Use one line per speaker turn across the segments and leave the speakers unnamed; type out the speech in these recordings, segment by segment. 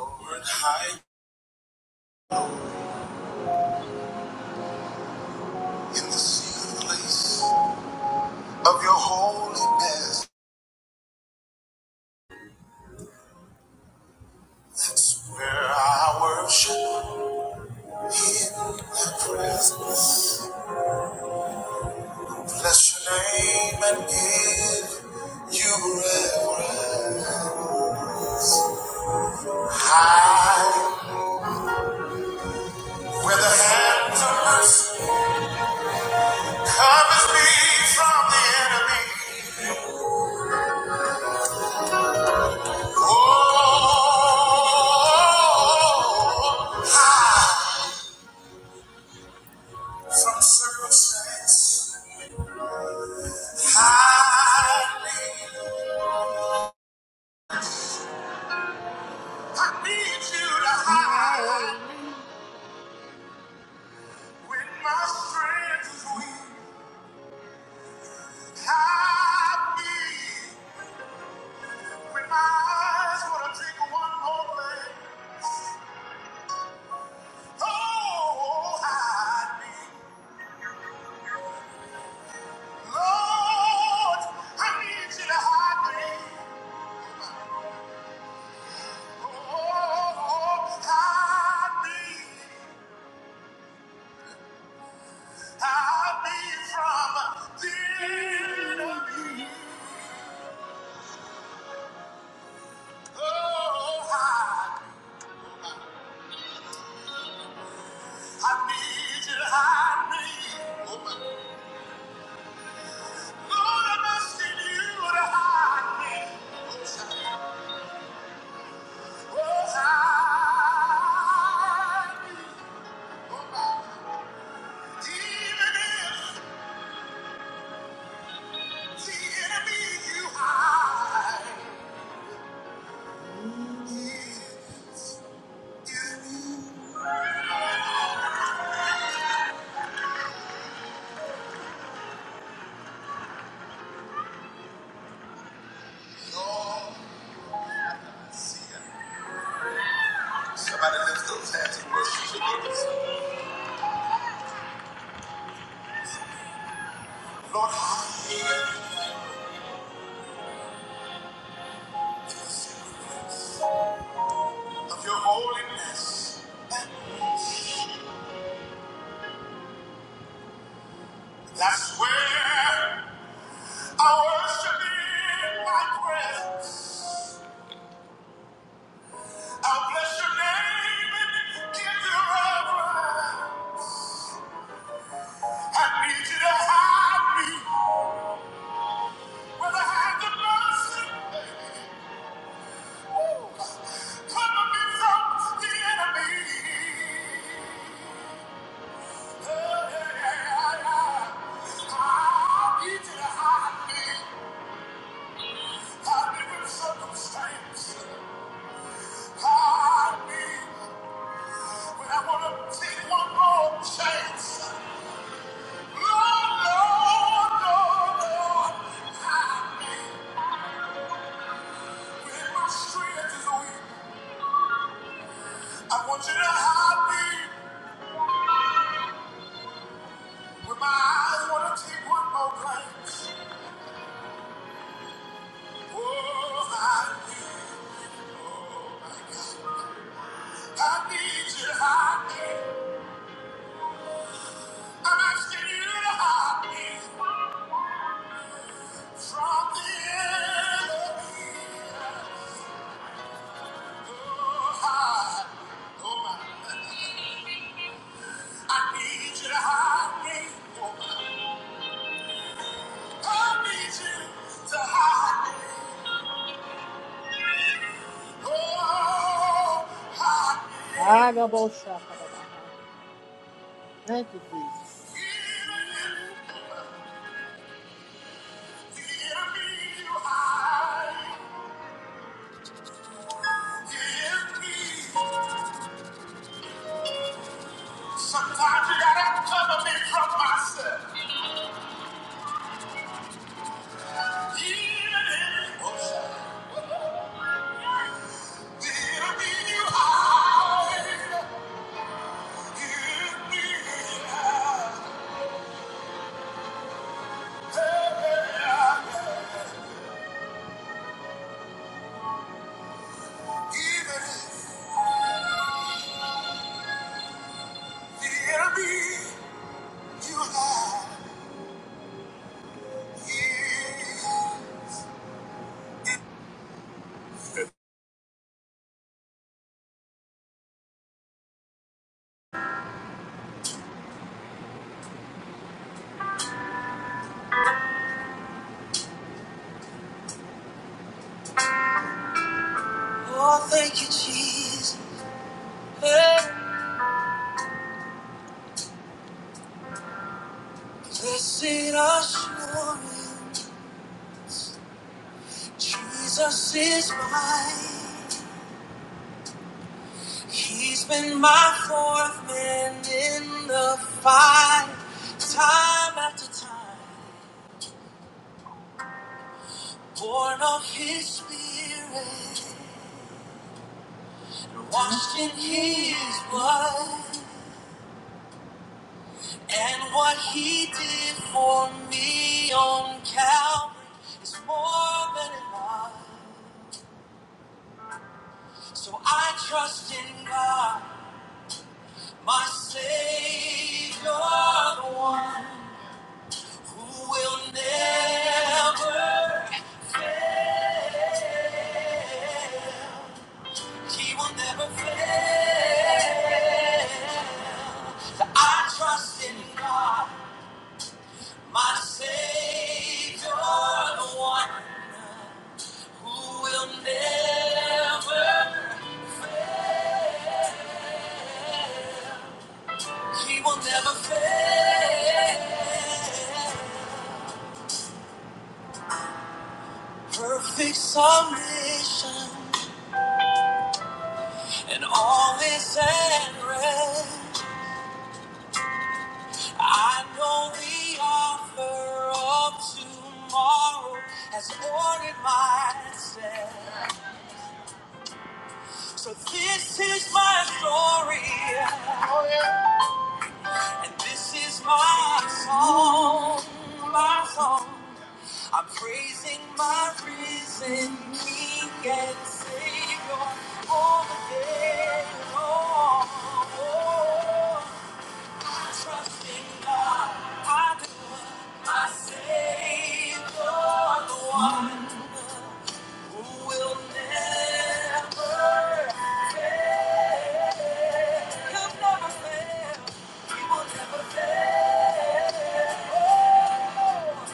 Lord, hide in the secret place of your holiness. That's where I worship in the presence. Bless your name and give you reverence. Hide where the hands of mercy covers me from the enemy. Oh, hide from circumstance. Hide me. I need you to hide when my strength is weak. Hide me when my eyes want to take one more look. Oh, hide me, Lord. I need you to hide me. Oh, hide me, hide me from the enemy. Oh, hide. me. I need you to hide me. Oh, my Somebody lift those hands and worship. Lord, hide me of your holiness. That's where I worship in my presence. I'll bless your name and give you reverence. I need you to hide me where the hands of mercy Ooh. cover me from the enemy. Oh, yeah. yeah, yeah. I need you to hide me, hide me from circumstance. Hide me when I want to take one more chance. Lord, Lord, Lord, Lord, hide me. When my I oh, Oh need you to hide me. Oh, Oh Oh Oh, Thank you, Jesus. Sometimes you gotta cover me from myself. Yeah. Thank you, Jesus. Blessed assurance, Jesus is mine. He's been my fourth man in the fight, time after time. Born of His Spirit, washed in His blood, and what He did for me on Calvary is more than enough. So I trust in God. My Savior, the one who will never, he will never fail. I trust in God, my Savior, the one who will never, he will never fail. Perfect submission and all is at rest. I know the author of tomorrow has ordered my steps. So this is my story, and this is my song, my song. I'm praising my risen King and Savior all the day long. Trust in God, My Savior, the one who will never fail. He'll never fail. He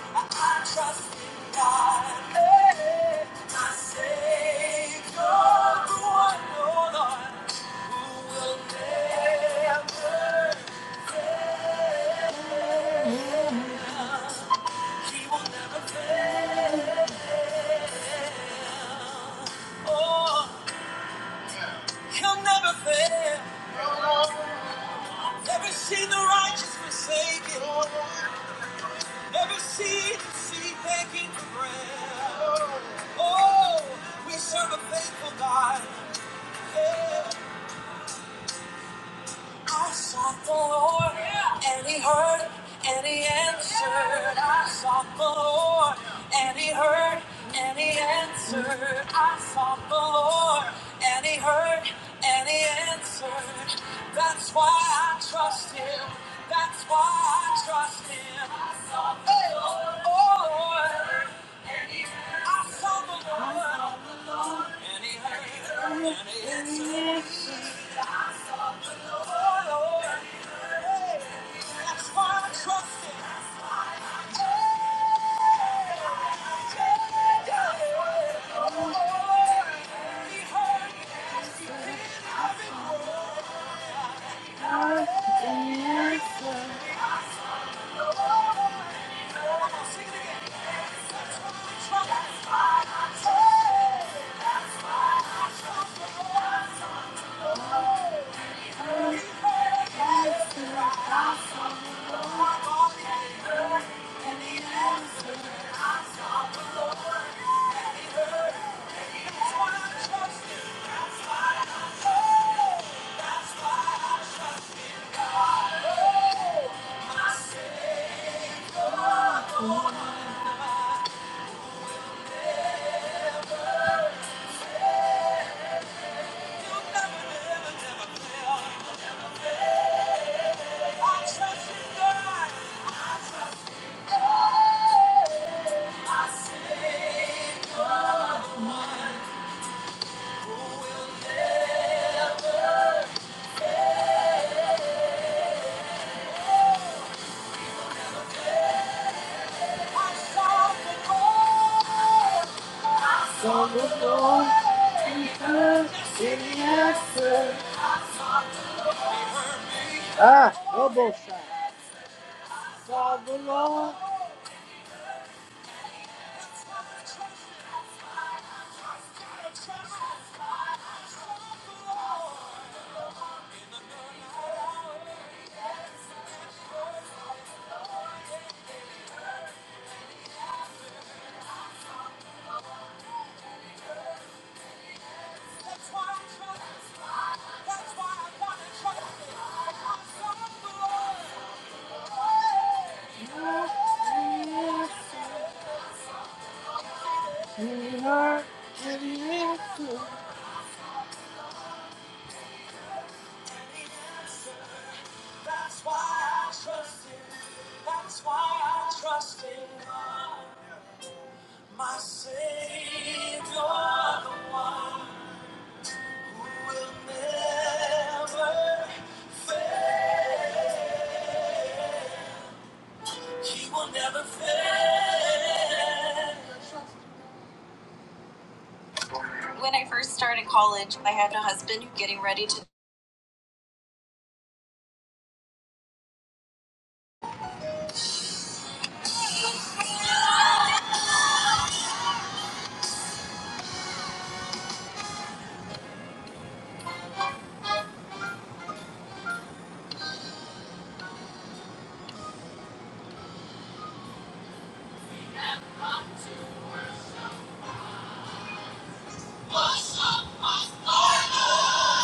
I trust in God, eh, my Savior, the one, oh who will never, He will never fail. Oh, He'll never fail. Every seed the righteous forsaken. Every seed, seed begging for bread. Oh, we serve a faithful God. I sought the Lord, and He heard, and He answered. I sought the Lord, and He heard, and He answered. I sought the Lord, and He heard, and He answered. That's why I trust Him. That's why I trust Him. I sought the Hey, Lord. Oh Lord, I sought the Lord, I sought the Lord, and He heard, and He answered. Ah, elbow shot. Saw the Lord. We are heavy lifted. That's why I trust in. That's why I trust in God, my Savior, the one who will never fail. He will never fail. When I first started college, I had a husband getting ready to. What's up, my partner?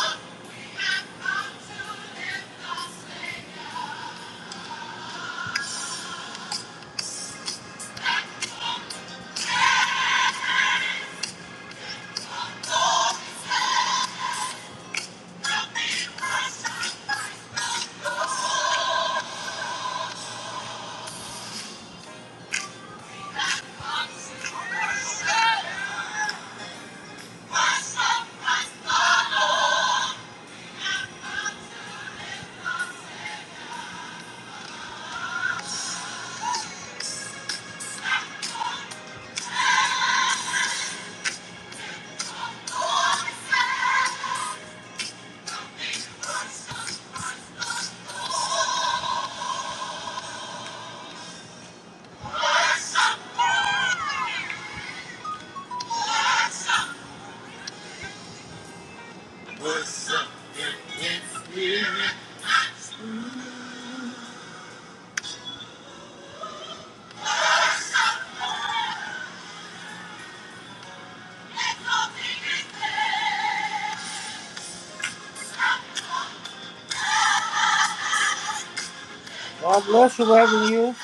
God bless you, having you.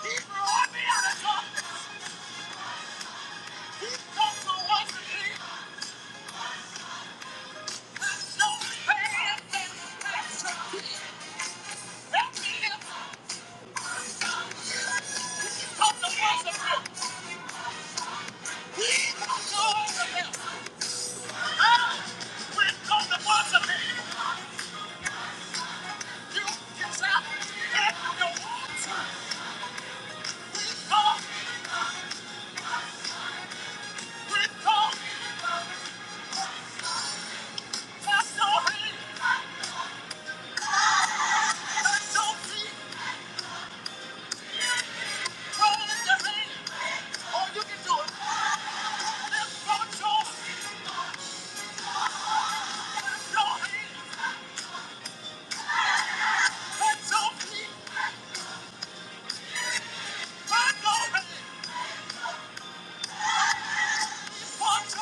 Oh, you can do it. Lift your jaw. Lift your hand. Let your feet. Let's go ahead. Let's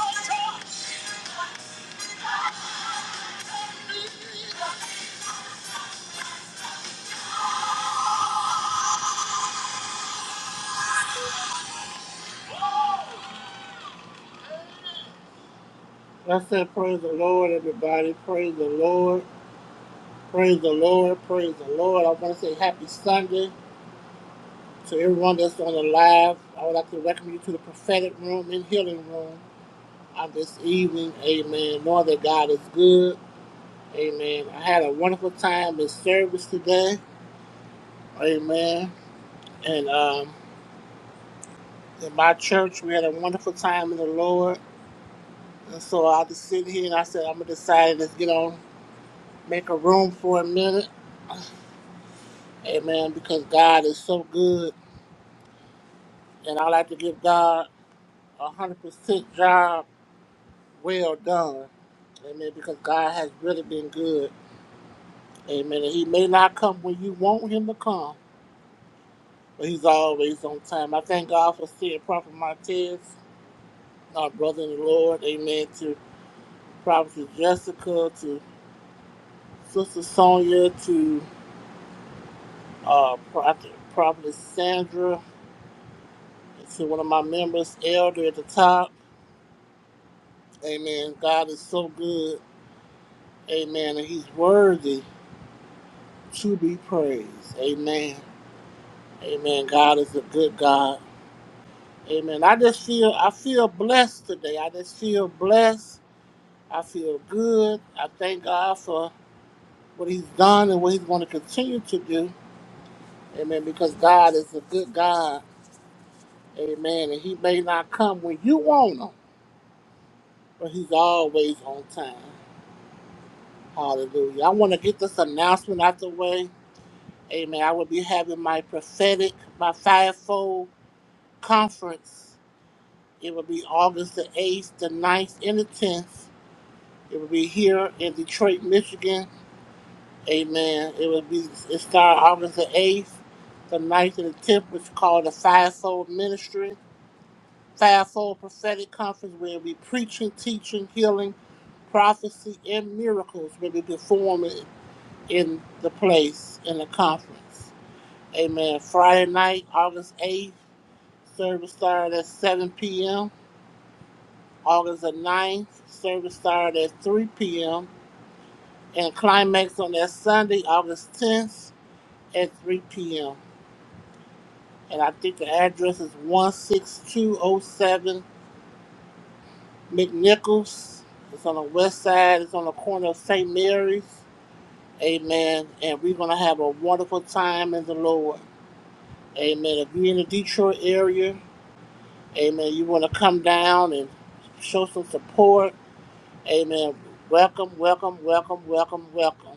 go ahead. Let's go ahead. Let's say praise the Lord, everybody. Praise the Lord. Praise the Lord. Praise the Lord. I want to say happy Sunday to everyone that's on the live. I would like to welcome you to the prophetic room and healing room of this evening. Amen. Knowing that God is good. Amen. I had a wonderful time in service today. Amen. And um, in my church, we had a wonderful time in the Lord. And so I just sit here and I said, I'm going to decide, let's get on, make a room for a minute Amen. Because God is so good, and I like to give God a hundred percent job well done. Amen. Because God has really been good. Amen. And He may not come when you want Him to come, but He's always on time. I thank God for seeing Prophet Martez, our brother in the Lord. Amen. To Prophet Jessica, to Sister Sonia, to uh, Prophet Prophet Sandra, to one of my members, Elder at the top. Amen. God is so good. Amen. And he's worthy to be praised. Amen. Amen. God is a good God. Amen. I just feel I feel blessed today. I just feel blessed. I feel good. I thank God for what he's done and what he's going to continue to do. Amen. Because God is a good God. Amen. And he may not come when you want him, but he's always on time. Hallelujah. I want to get this announcement out the way. Amen. I will be having my prophetic, my fivefold conference. It will be August the 8th, the ninth, and the 10th. It will be here in Detroit, Michigan. Amen. It will be, it starts August the 8th, the ninth, and the 10th, which is called the Fivefold Ministry, Fivefold Prophetic Conference, where we preaching, teaching, healing, prophecy, and miracles will be performing in the place, in the conference. Amen. Friday night, August 8th, service started at 7 p.m. August the ninth, Service started at 3 p.m. and climax on that Sunday, August 10th at 3 p.m. And I think the address is 16207 McNichols. It's on the west side. It's on the corner of St. Mary's. Amen. And we're going to have a wonderful time in the Lord. Amen. If you're in the Detroit area, amen, you want to come down and show some support. Amen. Welcome, welcome, welcome, welcome, welcome.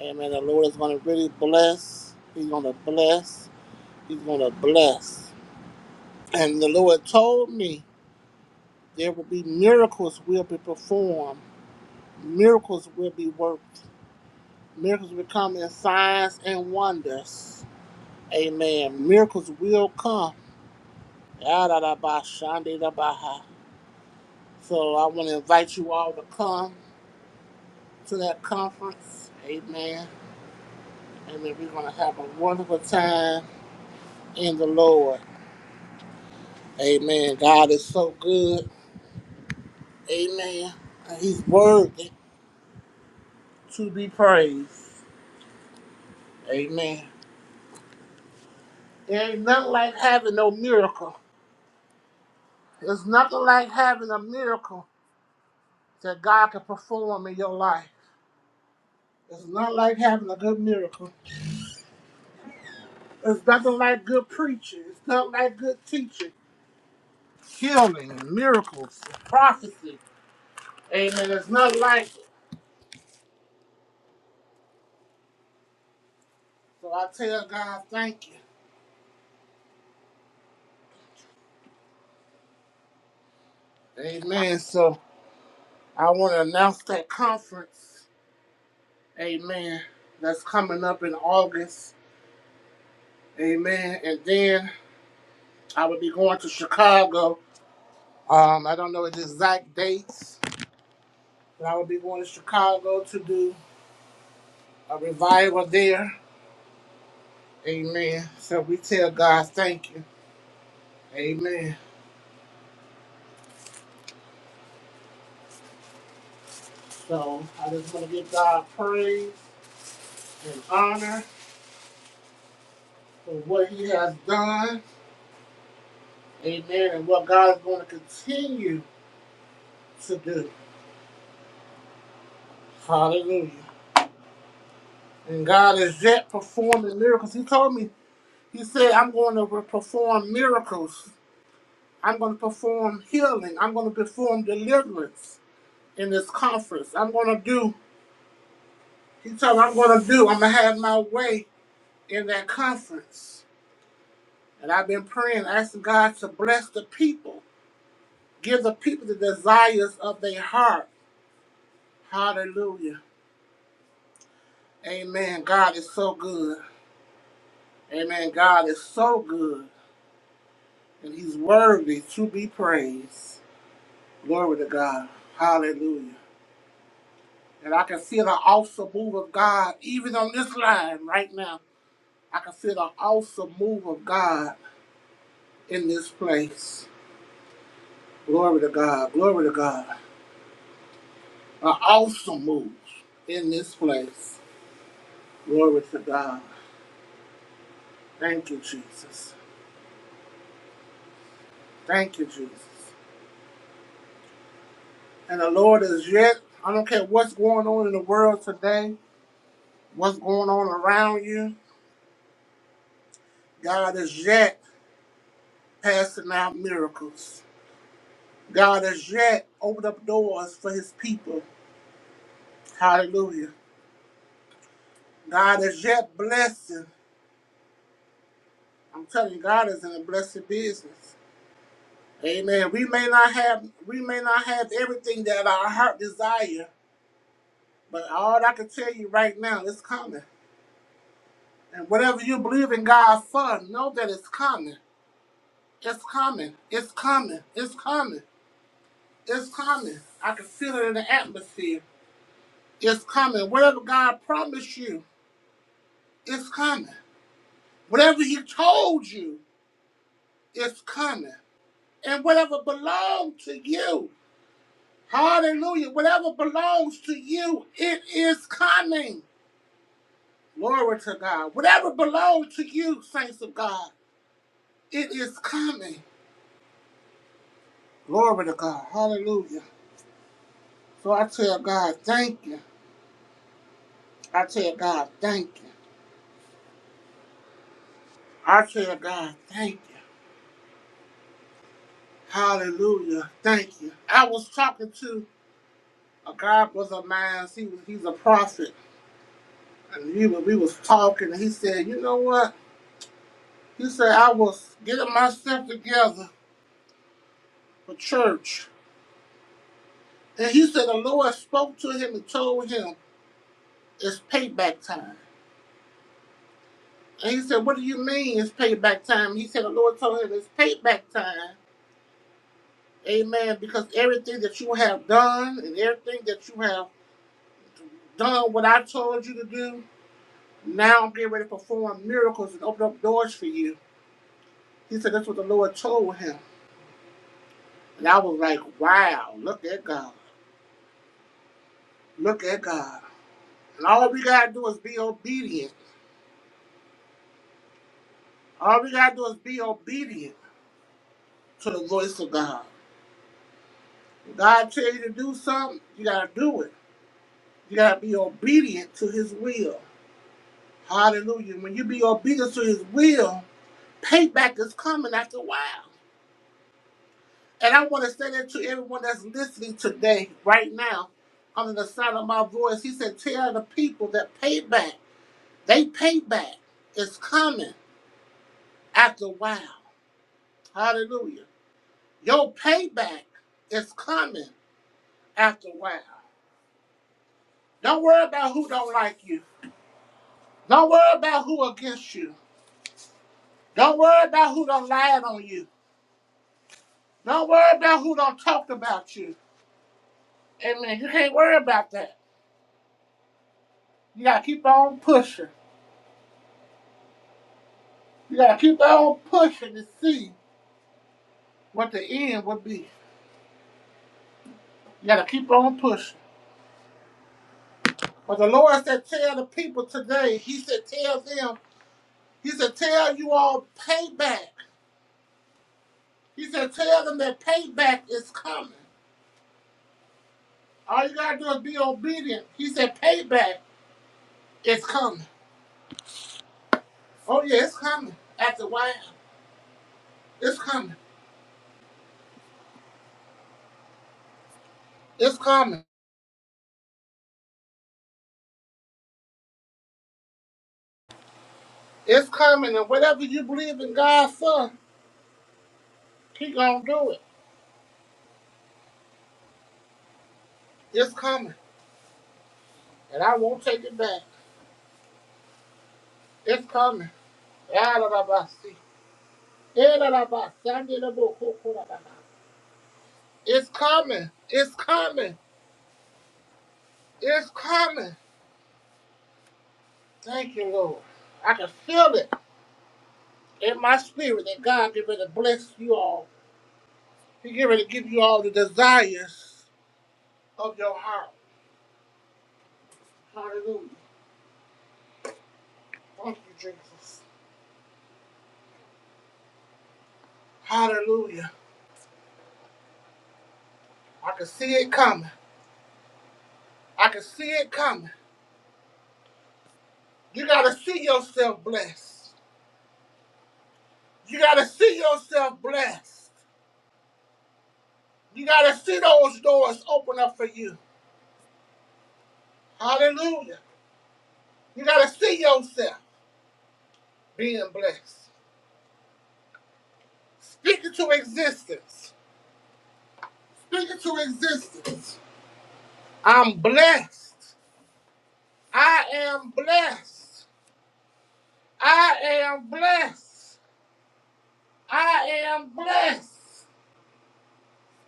Amen. The Lord is going to really bless. He's going to bless. He's going to bless. And the Lord told me there will be miracles will be performed, miracles will be worked, miracles will come in signs and wonders. Amen. Miracles will come. Ya-da-da-ba-shan-de-da-ba-ha. So I want to invite you all to come to that conference. Amen. Amen. We're going to have a wonderful time in the Lord. Amen. God is so good. Amen. And he's worthy to be praised. Amen. There ain't nothing like having no miracle. There's nothing like having a miracle that God can perform in your life. It's not like having a good miracle. It's nothing like good preaching. It's nothing like good teaching. Healing, miracles, prophecy. Amen. It's not like it. So I tell God, thank you. Amen. So I want to announce that conference. Amen. That's coming up in August. Amen. And then I will be going to Chicago. Um, I don't know the exact dates, but I will be going to Chicago to do a revival there. Amen. So we tell God thank you. Amen. So I just want to give God praise and honor for what He has done. Amen. And what God is going to continue to do. Hallelujah. And God is yet performing miracles. He told me He said, I'm going to perform miracles. I'm going to perform healing. I'm going to perform deliverance in this conference. I'm going to do, he told me, I'm going to do, I'm going to have my way in that conference. And I've been praying, asking God to bless the people, give the people the desires of their heart. Hallelujah. Amen. God is so good. Amen. God is so good. And he's worthy to be praised. Glory to God. Hallelujah. And I can feel the awesome move of God even on this line right now. I can feel the awesome move of God in this place. Glory to God. Glory to God. An awesome move in this place. Glory to God. Thank you, Jesus. Thank you, Jesus. And the Lord is yet, I don't care what's going on in the world today, what's going on around you, God is yet passing out miracles. God has yet opened up doors for his people. Hallelujah. God is yet blessing. I'm telling you, God is in a blessed business. Amen. We may not have we may not have everything that our heart desire, but all I can tell you right now, it's coming. And whatever you believe in God for, know that it's coming. It's coming. It's coming. It's coming. It's coming. I can feel it in the atmosphere. It's coming. Whatever God promised you, it's coming. Whatever he told you is coming. And whatever belongs to you, hallelujah, whatever belongs to you, it is coming. Glory to God. Whatever belongs to you, saints of God, it is coming. Glory to God. Hallelujah. So I tell God, thank you. I tell God, thank you. I tell God, thank you. Hallelujah. Thank you. I was talking to a God brother of mine. He was, he's a prophet. and we were, we was talking, and he said, "You know what?" He said, "I was getting myself together for church," and he said the Lord spoke to him and told him it's payback time. And he said, "What do you mean it's payback time?" He said the Lord told him it's payback time, Amen. Because everything that you have done and everything that you have done, what I told you to do, now I'm getting ready to perform miracles and open up doors for you. He said that's what the Lord told him. And I was like, wow, look at God. Look at God. And all we gotta do is be obedient. All we gotta do is be obedient to the voice of God. When God tell you to do something, you gotta do it. You gotta be obedient to his will. Hallelujah. When you be obedient to his will, payback is coming after a while. And I want to say that to everyone that's listening today, right now, under the sound of my voice. He said, Tell the people that payback, they payback is coming after a while. Hallelujah. Your payback is coming after a while. Don't worry about who don't like you. Don't worry about who against you. Don't worry about who don't lie on you. Don't worry about who don't talk about you. Amen. You can't worry about that. You gotta keep on pushing. You gotta keep on pushing to see what the end will be. You gotta keep on pushing. But the Lord said, tell the people today. He said, tell them. He said, tell you all payback. He said, tell them that payback is coming. All you gotta do is be obedient. He said, payback is coming. Oh yeah, it's coming. After a while, it's coming. It's coming. It's coming. And whatever you believe in God for, He gonna do it. It's coming, and I won't take it back. It's coming. Yarababasi. Yarabasandirabokokorababa. It's coming. It's coming. It's coming. Thank you, Lord. I can feel it in my spirit that God is going to bless you all. He get ready to give you all the desires of your heart. Hallelujah. Thank you, Jesus. Hallelujah. I can see it coming. I can see it coming. You gotta see yourself blessed. You gotta see yourself blessed. You gotta see those doors open up for you. Hallelujah. You gotta see yourself being blessed. Speak it to existence. Speak it to existence. I'm blessed. I am blessed. I am blessed. I am blessed.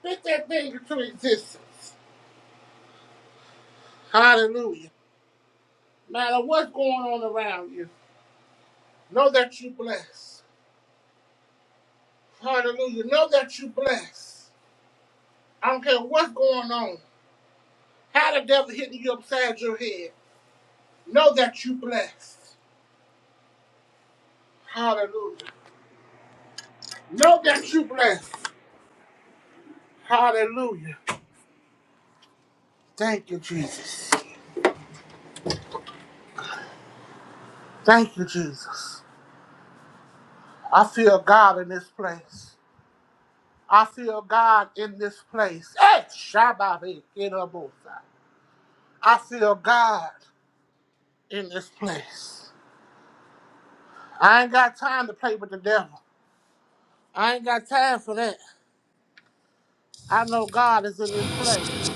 Speak that thing into existence. Hallelujah. No matter what's going on around you, know that you're blessed. Hallelujah. Know that you're blessed. I don't care what's going on, how the devil hitting you upside your head. Know that you're blessed. Hallelujah. Know that you're blessed. Hallelujah. Thank you, Jesus. Thank you, Jesus. I feel God in this place. I feel God in this place. Hey, Shabbat, Edobosa. I feel God in this place. I ain't got time to play with the devil. I ain't got time for that. I know God is in this place.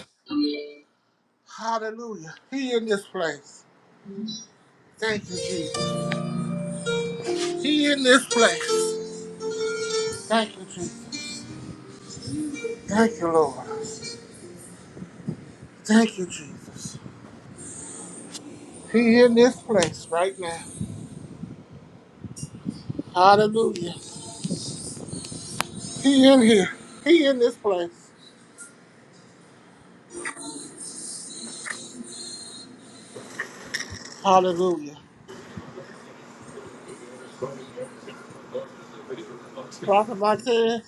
Hallelujah. He in this place. Thank you, Jesus. He in this place. Thank you, Jesus. Thank you, Lord. Thank you, Jesus. He in this place right now. Hallelujah. He in here. He in this place. Hallelujah. Prophet Martez,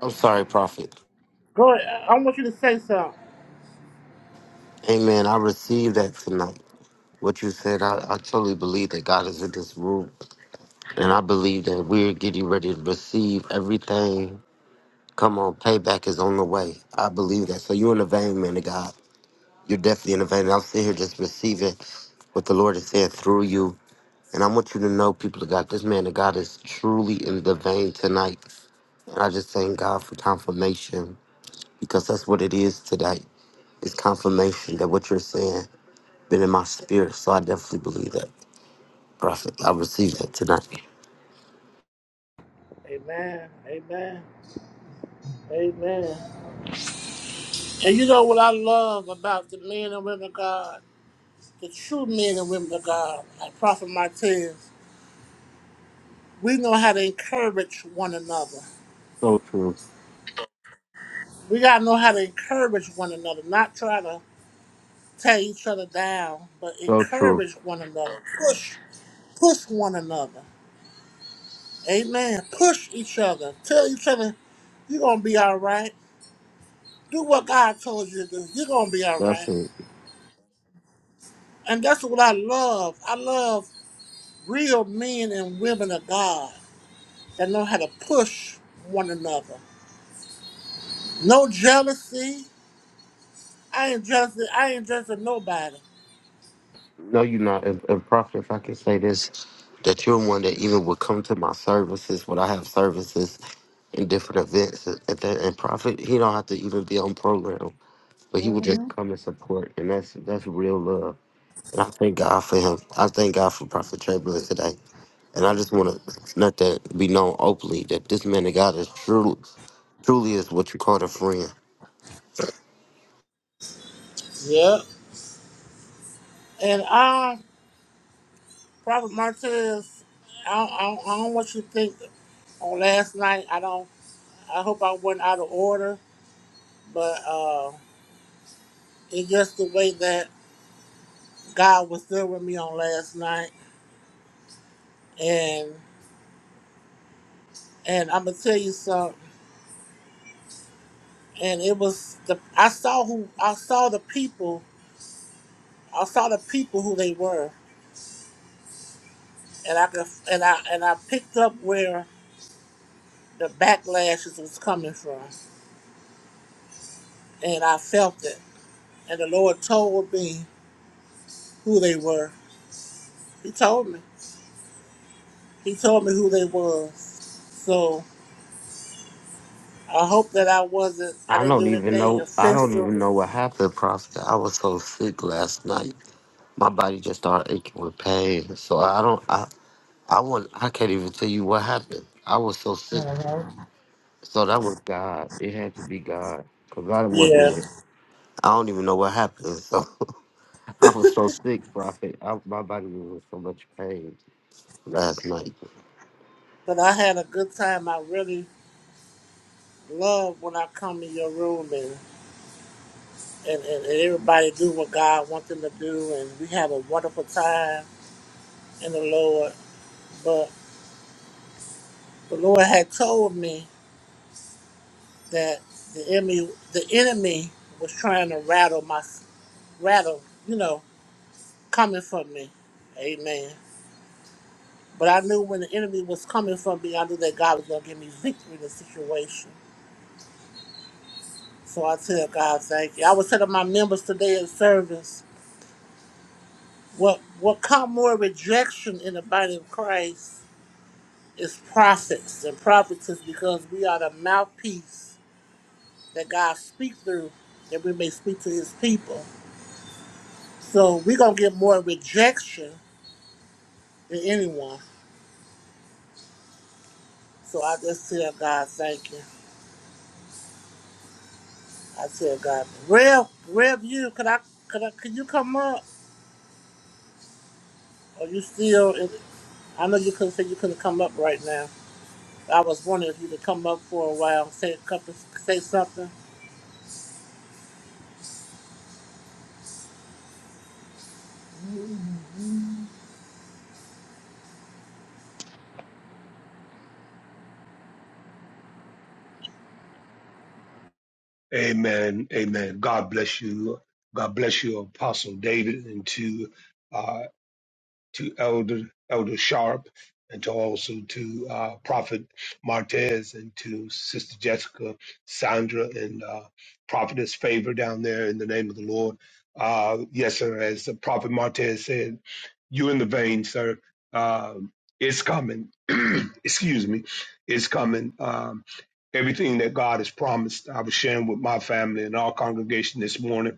I'm sorry, Prophet.
go ahead. I want you to say something.
Amen. I received that tonight. What you said, I, I totally believe that God is in this room. And I believe that we're getting ready to receive everything. Come on, payback is on the way. I believe that. So you're in the vein, man of God. You're definitely in the vein. I'm sitting here just receiving what the Lord is saying through you. And I want you to know, people of God, this man of God is truly in the vein tonight. And I just thank God for confirmation because that's what it is today. It's confirmation that what you're saying been in my spirit. So I definitely believe that, Prophet. I received that tonight.
Amen. Amen. Amen. And you know what I love about the men and women of God, the true men and women of God, like Prophet Martez, we know how to encourage one another.
So true.
We got to know how to encourage one another, not try to tear each other down, but
So true.
encourage one another, push, push one another. Amen. Push each other. Tell each other, you're going to be all right. do what God told you to do. You're gonna be all
That's
right.
it.
And that's what I love. I love real men and women of God that know how to push one another. No jealousy. I ain't jealous. I ain't jealous of nobody.
No, you're not. And, and Prophet, if I can say this, that you're one that even would come to my services when I have services in different events. And, that, and Prophet, he don't have to even be on program, but he would just come and support. And that's that's real love. And I thank God for him. I thank God for Prophet Chamberlain today. And I just want to let that be known openly that this man of God is truly, truly is what you call a friend.
Yep. And I, Prophet Martinez, I, I, I don't want you to think on last night. I don't. I hope I wasn't out of order, but uh, it's just the way that God was there with me on last night. and and I'm gonna tell you something. And it was the I saw who I saw the people. I saw the people who they were, and I could, and I and I picked up where the backlashes was coming from, and I felt it. And the Lord told me who they were. He told me. He told me who they was. So I hope that I wasn't. I
I
didn't
don't
do
even
anything
know. I don't
offensive.
even know what happened, Prophet. I was so sick last night. My body just started aching with pain. So I don't. I. I want. I can't even tell you what happened. I was so sick. So that was God. It had to be God. Cause I wasn't
Yeah.
even. I don't even know what happened. So I was so sick, Prophet. I, my body was in so much pain last night.
But I had a good time. I really love when I come in your room and and, and, and everybody do what God wants them to do, and we have a wonderful time in the Lord. But the Lord had told me that the enemy, the enemy was trying to rattle my rattle, you know, coming from me. Amen. But I knew when the enemy was coming from me, I knew that God was going to give me victory in the situation. So I tell God, thank you. I was telling my members today in service, what what come more rejection in the body of Christ is prophets and prophetess because we are the mouthpiece that God speaks through that we may speak to his people. So we're going to get more rejection than anyone. So I just tell God, thank you. I tell God, Rev, Rev, you, could I, could I, could you come up? Or you still, in- I know you couldn't say you couldn't come up right now. I was wondering if you could come up for a while, and say a couple, say something.
Amen. Amen. God bless you. God bless you, Apostle David, and to uh, to Elder Elder Sharp and to also to uh, Prophet Martez and to Sister Jessica, Sandra, and uh, Prophetess Favor down there in the name of the Lord. Uh, yes, sir. As the Prophet Martez said, you in the vein, sir. Um, it's coming. Excuse me. It's coming. Um, everything that God has promised. I was sharing with my family and our congregation this morning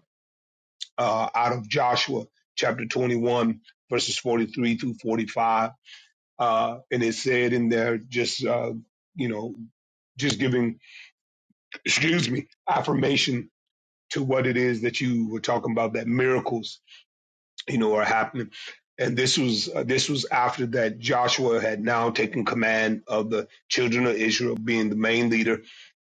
uh, out of Joshua chapter 21, verses 43 through 45. Uh, and it said in there, just, uh, you know, just giving, excuse me, affirmation to what it is that you were talking about, that miracles, you know, are happening. And this was uh, this was after that Joshua had now taken command of the children of Israel, being the main leader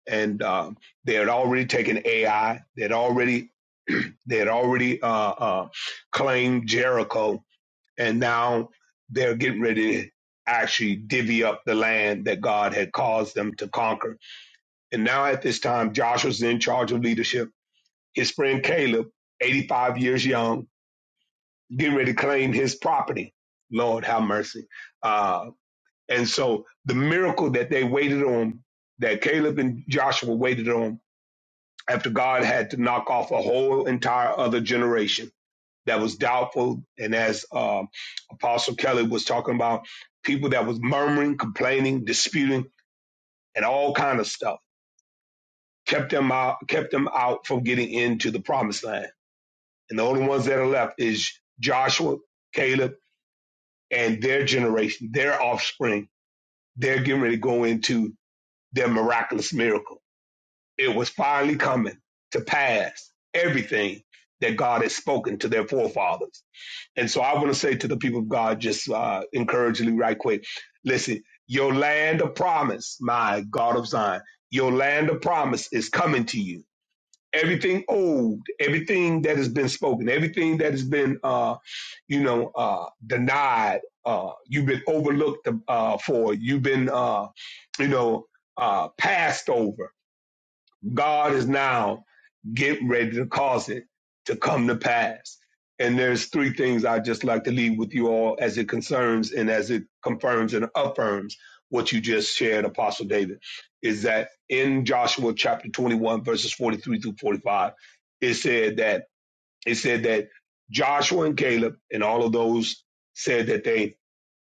and um, they had already taken AI. They had already they had already uh, uh, claimed Jericho, and now they're getting ready to actually divvy up the land that God had caused them to conquer. And now at this time, Joshua's in charge of leadership. His friend Caleb, 85 years young, getting ready to claim his property. Lord, have mercy. Uh, and so the miracle that they waited on, that Caleb and Joshua waited on, after God had to knock off a whole entire other generation that was doubtful. And as um, Apostle Kelly was talking about, people that was murmuring, complaining, disputing, and all kind of stuff kept them out, kept them out from getting into the promised land. And the only ones that are left is Joshua, Caleb, and their generation, their offspring. They're getting ready to go into their miraculous miracle it was finally coming to pass everything that God has spoken to their forefathers. And so I want to say to the people of God, just uh, encouragingly, right quick listen, your land of promise, my God of Zion, your land of promise is coming to you. Everything old, everything that has been spoken, everything that has been, uh, you know, uh, denied, uh, you've been overlooked uh, for, you've been, uh, you know, uh, passed over God is now getting ready to cause it to come to pass. And there's three things I'd just like to leave with you all as it concerns and as it confirms and affirms what you just shared, Apostle David, is that in Joshua chapter 21, verses 43 through 45, it said that it said that Joshua and Caleb and all of those said that they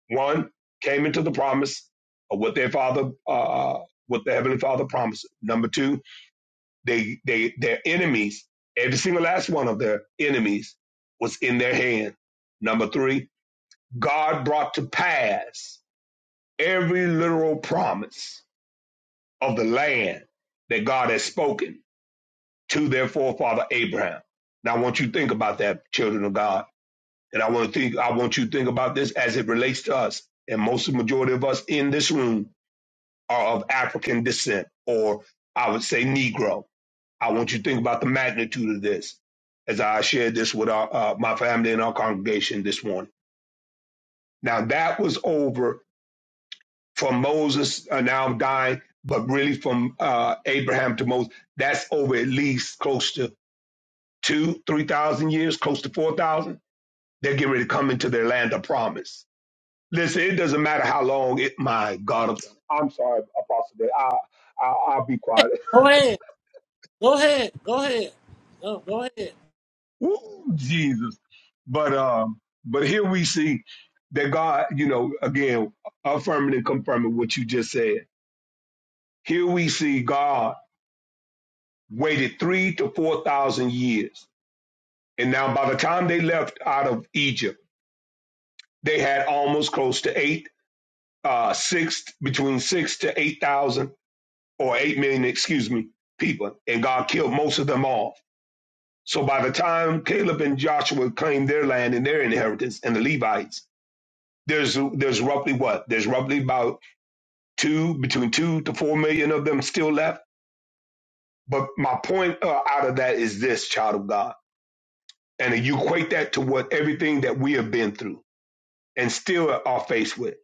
one came into the promise of what their father, uh, what the heavenly father promised. Number two, they, they, their enemies, every single last one of their enemies was in their hand. Number three, God brought to pass every literal promise of the land that God has spoken to their forefather Abraham. Now I want you to think about that, children of God. And I want to think, I want you to think about this as it relates to us. And most of the majority of us in this room are of African descent, or I would say Negro I want you to think about the magnitude of this as I shared this with our, uh, my family and our congregation this morning. Now, that was over from Moses, uh, now I'm dying, but really from uh, Abraham to Moses, that's over at least close to two, 3,000 years, close to 4,000. They're getting ready to come into their land of promise. Listen, it doesn't matter how long it, my God, I'm, sorry, Apostle, I, I, I'll be quiet.
Go ahead, go ahead, go ahead. Go, go ahead.
Woo, Jesus. But um, but here we see that God, you know, again, affirming and confirming what you just said. Here we see God waited three to four thousand years. And now by the time they left out of Egypt, they had almost close to eight, uh six between six to eight thousand or eight million, excuse me, people. And God killed most of them off. So by the time Caleb and Joshua claimed their land and their inheritance and the Levites, There's there's roughly what? There's roughly about two between two to four million of them still left. But my point uh, out of that is this, child of God, and you equate that to what everything that we have been through and still are faced with.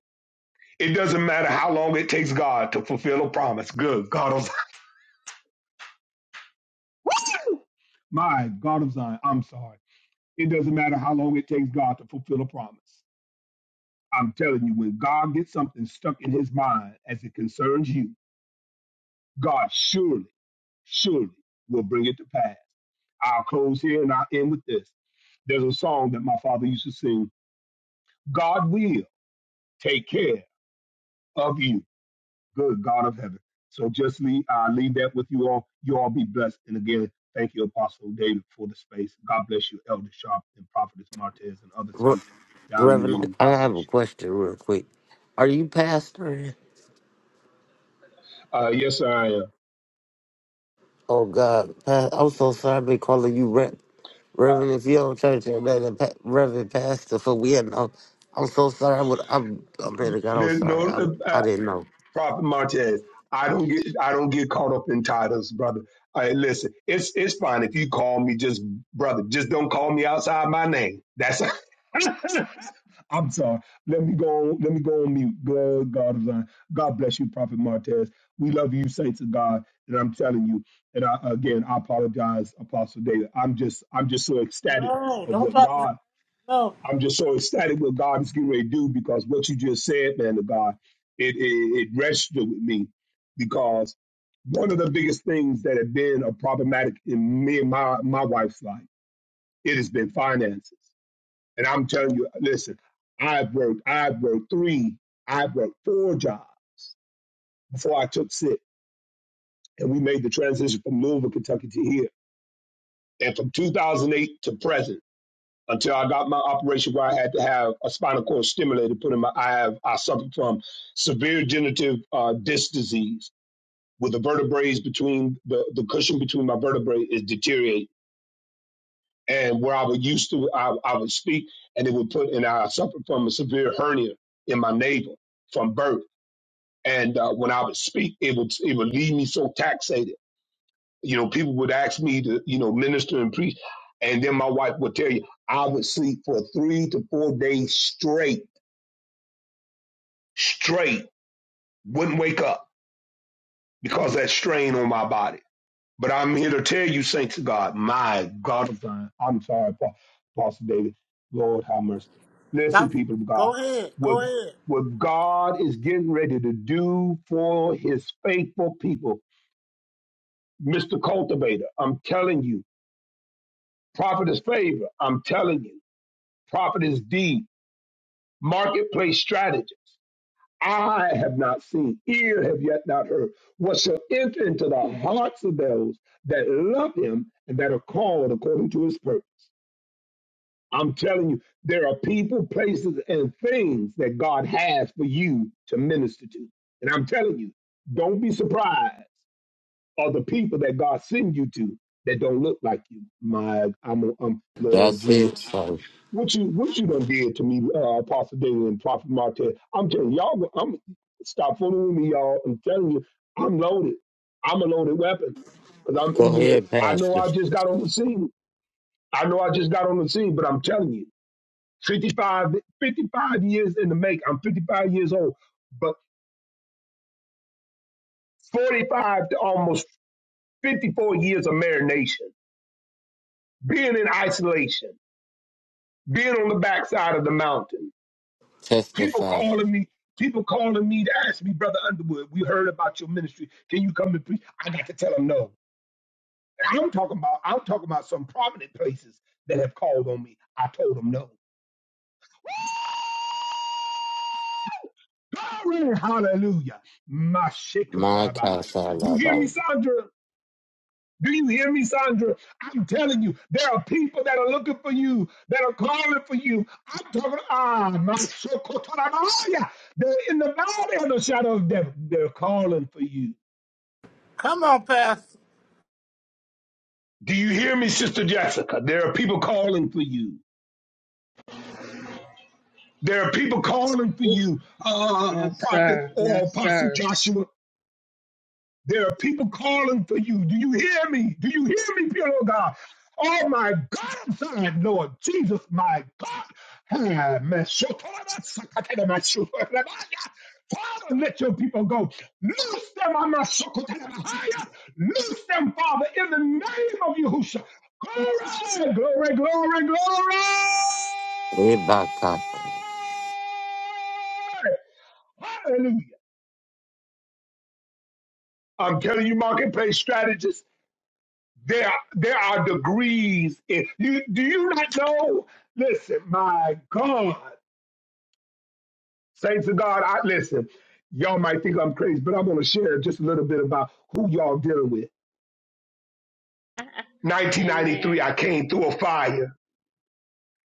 It doesn't matter how long it takes God to fulfill a promise. Good God of Zion, my God of Zion, I'm sorry. It doesn't matter how long it takes God to fulfill a promise. I'm telling you, when God gets something stuck in his mind as it concerns you, God surely surely will bring it to pass. I'll close here and I'll end with this. There's a song that my father used to sing God will take care of you, good God of heaven. So just leave, I leave that with you all. You all be blessed. And again, thank you, Apostle David, for the space. God bless you, Elder Sharp and Prophetess Martez and other
Re-
saints down in the
Reverend,
room.
I,
God
I have
bless
a question real quick. Are you pastoring?
you. Uh, yes, I am.
Oh, God. Pa- I'm so sorry I've been calling you Rev.
Uh,
Reverend, if you don't church, I'm not a pa- Reverend Pastor for we had no. I'm so sorry. I would, I'm, I'm better God. I'm
there's
sorry. I,
no. uh,
I didn't know.
Prophet Martez, I don't get I don't get caught up in titles, brother. All right, listen, it's it's fine if you call me just brother. Just don't call me outside my name. That's I'm sorry. Let me go on, let me go on mute. Good God of Zion. God bless you, Prophet Martez. We love you, saints of God. And I'm telling you, and I, again, I apologize, Apostle David. I'm just I'm just so ecstatic
No,
of
don't
what
apologize.
God
No,
I'm just so ecstatic what God is getting ready to do because what you just said, man of God, it, it, it registered with me because one of the biggest things that have been a problematic in me and my, my wife's life, it has been finances. And I'm telling you, listen, I've worked, I've worked three, I've worked four jobs before I took sick. And we made the transition from Louisville, Kentucky to here. And from 2008 to present. until I got my operation where I had to have a spinal cord stimulator put in my I have I suffered from severe degenerative uh, disc disease with the vertebrae between the, the cushion between my vertebrae is deteriorating. And where I was used to I, I would speak and it would put and I suffered from a severe hernia in my navel from birth. And uh, when I would speak, it would it would leave me so taxed you know, people would ask me to, you know, minister and preach. And then my wife would tell you, I would sleep for three to four days straight, straight, wouldn't wake up because of that strain on my body. But I'm here to tell you, saints of God, my God of Zion, I'm sorry, Pa- Pastor David, Lord have mercy. Listen,
stop.
people of God,
Go ahead.
what,
Go ahead.
what God is getting ready to do for his faithful people, Mr. Cultivator, I'm telling you, Prophetess Favor, I'm telling you. prophet D, marketplace strategist. I have not seen, ear have yet not heard, what shall enter into the hearts of those that love him and that are called according to his purpose. I'm telling you, there are people, places, and things that God has for you to minister to. And I'm telling you, don't be surprised of the people that God send you to that don't look like you. My, I'm, i Lord
That's
Jesus.
it. So
What you what you done did to me, uh, Apostle David and Prophet Martez? I'm telling y'all, go- I'm stop fooling with me, y'all. I'm telling you, I'm loaded. I'm a loaded weapon. Cause I'm,
go
you know,
ahead,
I know
Pastor.
I just got on the scene. I know I just got on the scene, but I'm telling you, 55, 55 years in the make. I'm 55 years old, but 45 to almost 54 years of marination, being in isolation, being on the backside of the mountain People
Testify.
calling me, people calling me to ask me, Brother Underwood, we heard about your ministry. Can you come and preach? I got to tell them no. And I'm talking about, I'm talking about some prominent places that have called on me. I told them no. Glory, hallelujah.
My God,
Mashikotorabahaya. You hear me,
Salaba.
Sandra? Do you hear me, Sandra? I'm telling you, there are people that are looking for you, that are calling for you. I'm talking, ah, my sokotarabaya. They're in the valley of the shadow of death. They're calling for you.
Come on, Pastor.
Do you hear me, Sister Jessica? There are people calling for you. There are people calling for you, uh,
Yes,
Prophet
sir.
or
Yes,
Apostle
sir.
Joshua. There are people calling for you. Do you hear me? Do you hear me, pure Lord God? Oh my God, I'm sorry, Lord Jesus, my God. Ah, man, so- Father, let your people go. Loose them, I'm not so- Loose them, Father, in the name of Yahushua. Glory, glory, glory, glory. Hallelujah. I'm telling you, marketplace strategists. There, there are degrees. In, you do you not know? Listen, my God, saints of God, I listen. Y'all might think I'm crazy, but I'm going to share just a little bit about who y'all dealing with.
Amen.
1993, I came through a fire.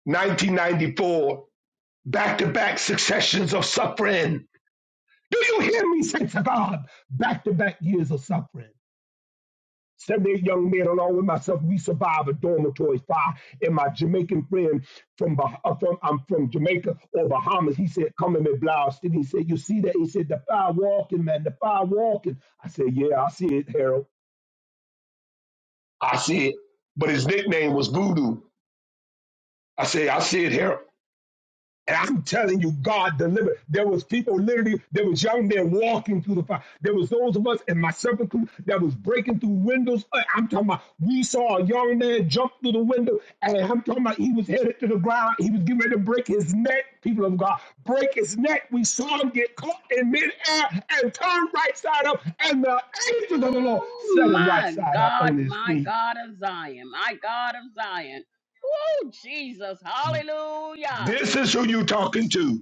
1994, back-to-back successions of suffering. Do you hear me, saints of God? Back-to-back years of suffering. Seven, eight young men, along with myself, we survived a dormitory fire. And my Jamaican friend from uh, from I'm from Jamaica or Bahamas, he said, "Come in me blouse." And he said, "You see that?" He said, "The fire walking, man. The fire walking." I said, "Yeah, I see it, Harold. I see it." But his nickname was Voodoo. I said, "I see it, Harold." And I'm telling you, God delivered. There was people literally, there was young men walking through the fire. There was those of us, and myself included, that was breaking through windows. Uh, I'm talking about, we saw a young man jump through the window, and I'm talking about he was headed to the ground. He was getting ready to break his neck, people of God. Break his neck. We saw him get caught in midair and turn right side up, and the angels of the Lord
Oh,
set him right
my
side up
God,
on his
my
feet.
God of Zion, my God of Zion. Oh, Jesus. Hallelujah.
This is who you are talking to.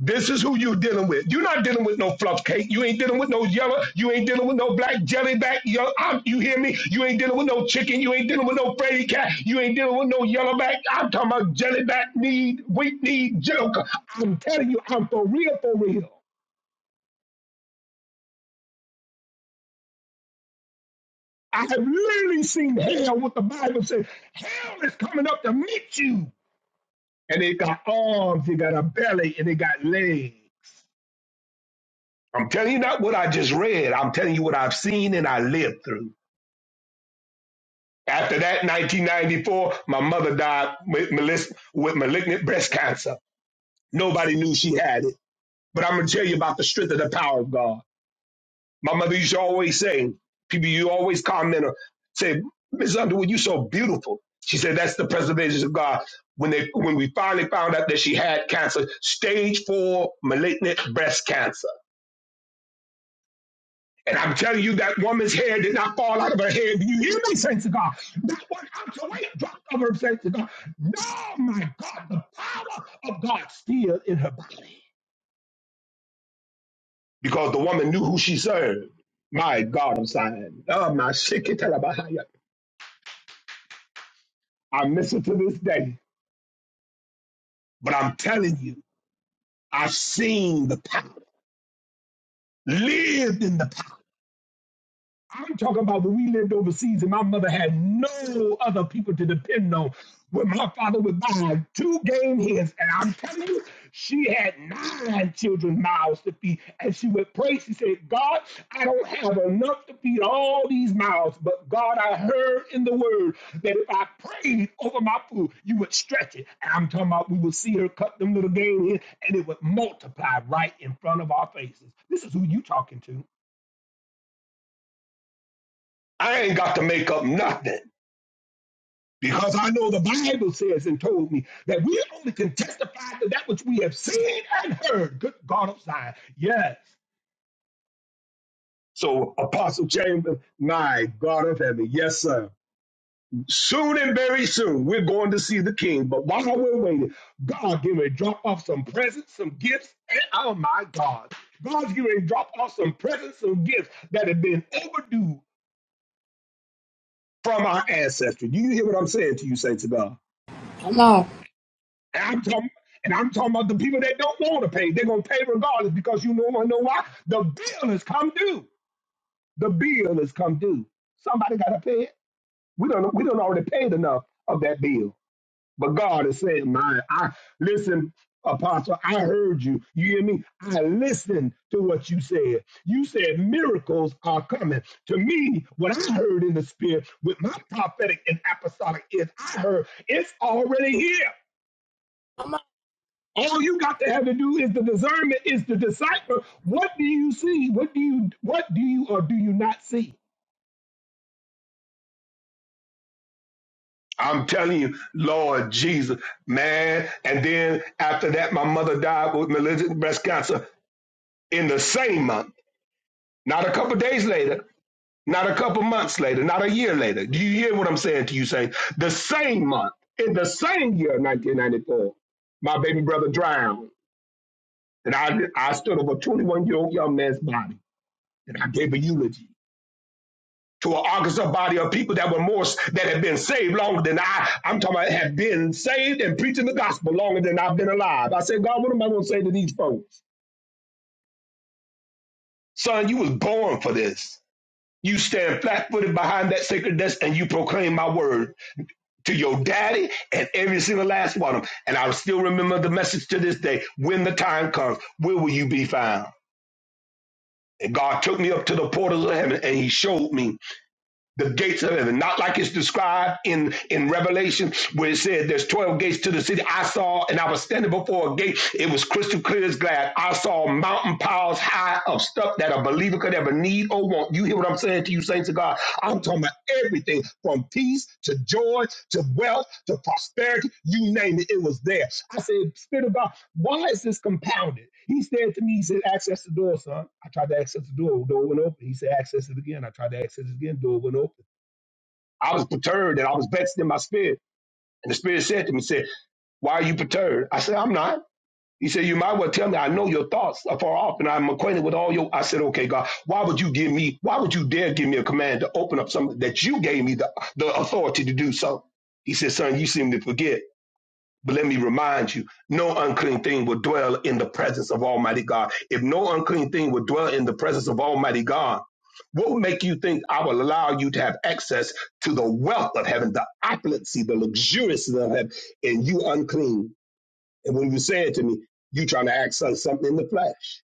This is who you're dealing with. You're not dealing with no fluff cake. You ain't dealing with no yellow. You ain't dealing with no black jelly back. Yo, I'm, you hear me? You ain't dealing with no chicken. You ain't dealing with no Freddy cat. You ain't dealing with no yellow back. I'm talking about jelly back need, weak need, joker. I'm telling you, I'm for real, for real. I have literally seen hell, what the Bible says. Hell is coming up to meet you. And it got arms, it got a belly, and it got legs. I'm telling you not what I just read. I'm telling you what I've seen and I lived through. After that, 1994, my mother died with, malis- with malignant breast cancer. Nobody knew she had it. But I'm going to tell you about the strength of the power of God. My mother used to always say, people, you always comment or say, Miss Underwood, you so beautiful. She said, that's the preservation of God. When, they, when we finally found out that she had cancer, stage four malignant breast cancer And I'm telling you, that woman's hair did not fall out of her head. Do you hear me, saints of God? That one ounce of weight dropped over her, saints of God. No, my God, the power of God still in her body. Because the woman knew who she served. My God, I'm saying. Oh, my shit. get out of my hair. I miss it to this day. But I'm telling you, I've seen the power, lived in the power. I'm talking about when we lived overseas and my mother had no other people to depend on. When my father would buy two game hens, and I'm telling you, she had nine children mouths to feed. And she would pray, she said, God, I don't have enough to feed all these mouths, but God, I heard in the word that if I prayed over my food, you would stretch it. And I'm talking about we would see her cut them little game hens, and it would multiply right in front of our faces. This is who you talking to. I ain't got to make up nothing. Because I know the Bible says and told me that we only can testify to that which we have seen and heard. Good God of Zion. Yes. So, Apostle Chamberlain, my God of heaven, yes, sir. Soon and very soon, we're going to see the king. But while we're waiting, God give me drop off some presents, some gifts, and oh my God. God's giving to drop off some presents, some gifts that have been overdue from our ancestry. Do you hear what I'm saying to you, saints of God?
Come on.
And I'm talking, and I'm talking about the people that don't want to pay. They're gonna pay regardless because you know, you know why? The bill has come due. The bill has come due. Somebody gotta pay it. We don't we don't already paid enough of that bill. But God is saying, "My, I listen, Apostle. I heard you. You hear me? I listened to what you said. You said miracles are coming. To me, what I heard in the spirit with my prophetic and apostolic is, I heard it's already here.
Come on.
All you got to have to do is the discernment is to decipher what do you see, what do you what do you or do you not see. I'm telling you, Lord Jesus, man. And then after that, my mother died with malignant breast cancer in the same month, not a couple of days later, not a couple months later, not a year later. Do you hear what I'm saying to you, Saint? The same month, in the same year, 1994, my baby brother drowned. And I, I stood over a 21 year old young man's body and I gave a eulogy. to an Arkansas body of people that were more that had been saved longer than I. I'm talking about have been saved and preaching the gospel longer than I've been alive. I said, God, what am I going to say to these folks? Son, you was born for this. You stand flat footed behind that sacred desk and you proclaim my word to your daddy and every single last one of them. And I still remember the message to this day when the time comes, where will you be found? And God took me up to the portals of heaven and he showed me the gates of heaven, not like it's described in, in Revelation, where it said there's 12 gates to the city. I saw, and I was standing before a gate. It was crystal clear as glass. I saw mountain piles high of stuff that a believer could ever need or want. You hear what I'm saying to you, saints of God? I'm talking about everything from peace to joy to wealth to prosperity. You name it, it was there. I said, Spirit of God, why is this compounded? He said to me, He said, Access the door, son. I tried to access the door, door went open. He said, Access it again. I tried to access it again, door went open. I was perturbed and I was vexed in my spirit. And the spirit said to me, said, Why are you perturbed? I said, I'm not. He said, You might well tell me, I know your thoughts are far off and I'm acquainted with all your. I said, Okay, God, why would you give me, why would you dare give me a command to open up something that you gave me the, the authority to do so? He said, Son, you seem to forget, but let me remind you, no unclean thing will dwell in the presence of Almighty God. If no unclean thing will dwell in the presence of Almighty God, what would make you think I will allow you to have access to the wealth of heaven, the opulency, the luxuriousness of heaven, and you unclean? And when you say it to me, you trying to act some- something in the flesh.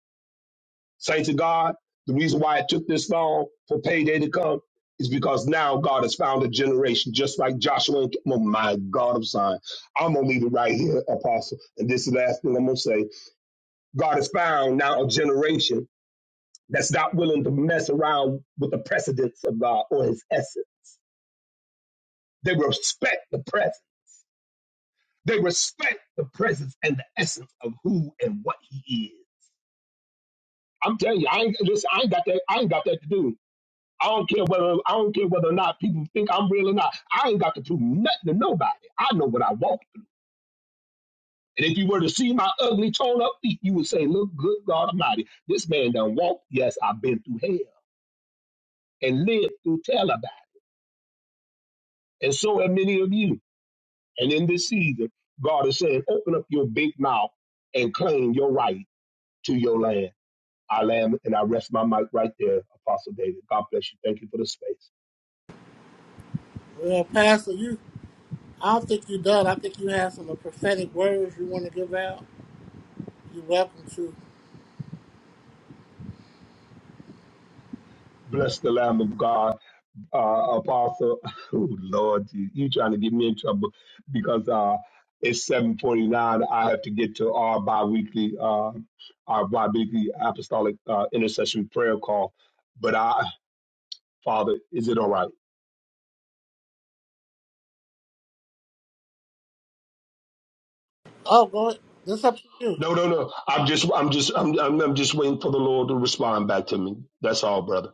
Saints of God, the reason why it took this long for payday to come is because now God has found a generation just like Joshua. And, oh my God of Zion. I'm going to leave it right here, Apostle. And this is the last thing I'm going to say. God has found now a generation that's not willing to mess around with the precedence of God or his essence. They respect the presence. They respect the presence and the essence of who and what he is. I'm telling you, I ain't listen, I ain't got that, I ain't got that to do. I don't care whether I don't care whether or not people think I'm real or not. I ain't got to prove nothing to nobody. I know what I want. And if you were to see my ugly torn up feet, you would say, Look, good God Almighty, this man done walked. Yes, I've been through hell and lived through tell about it. And so have many of you. And in this season, God is saying, open up your big mouth and claim your right to your land. I land and I rest my mic right there, Apostle David. God bless you. Thank you for the space.
Well, Pastor, you. I don't think you're done. I think you have some prophetic words you want to give out. You're welcome to.
Bless the Lamb of God, uh, Apostle. Oh Lord, you, you trying to get me in trouble because uh, it's seven forty nine. I have to get to our biweekly, uh, our biweekly apostolic uh, intercession prayer call. But I, Father, is it all right?
Oh, go ahead. It's up to you.
No, no, no. I'm just, I'm just, I'm, I'm, I'm just waiting for the Lord to respond back to me. That's all, brother.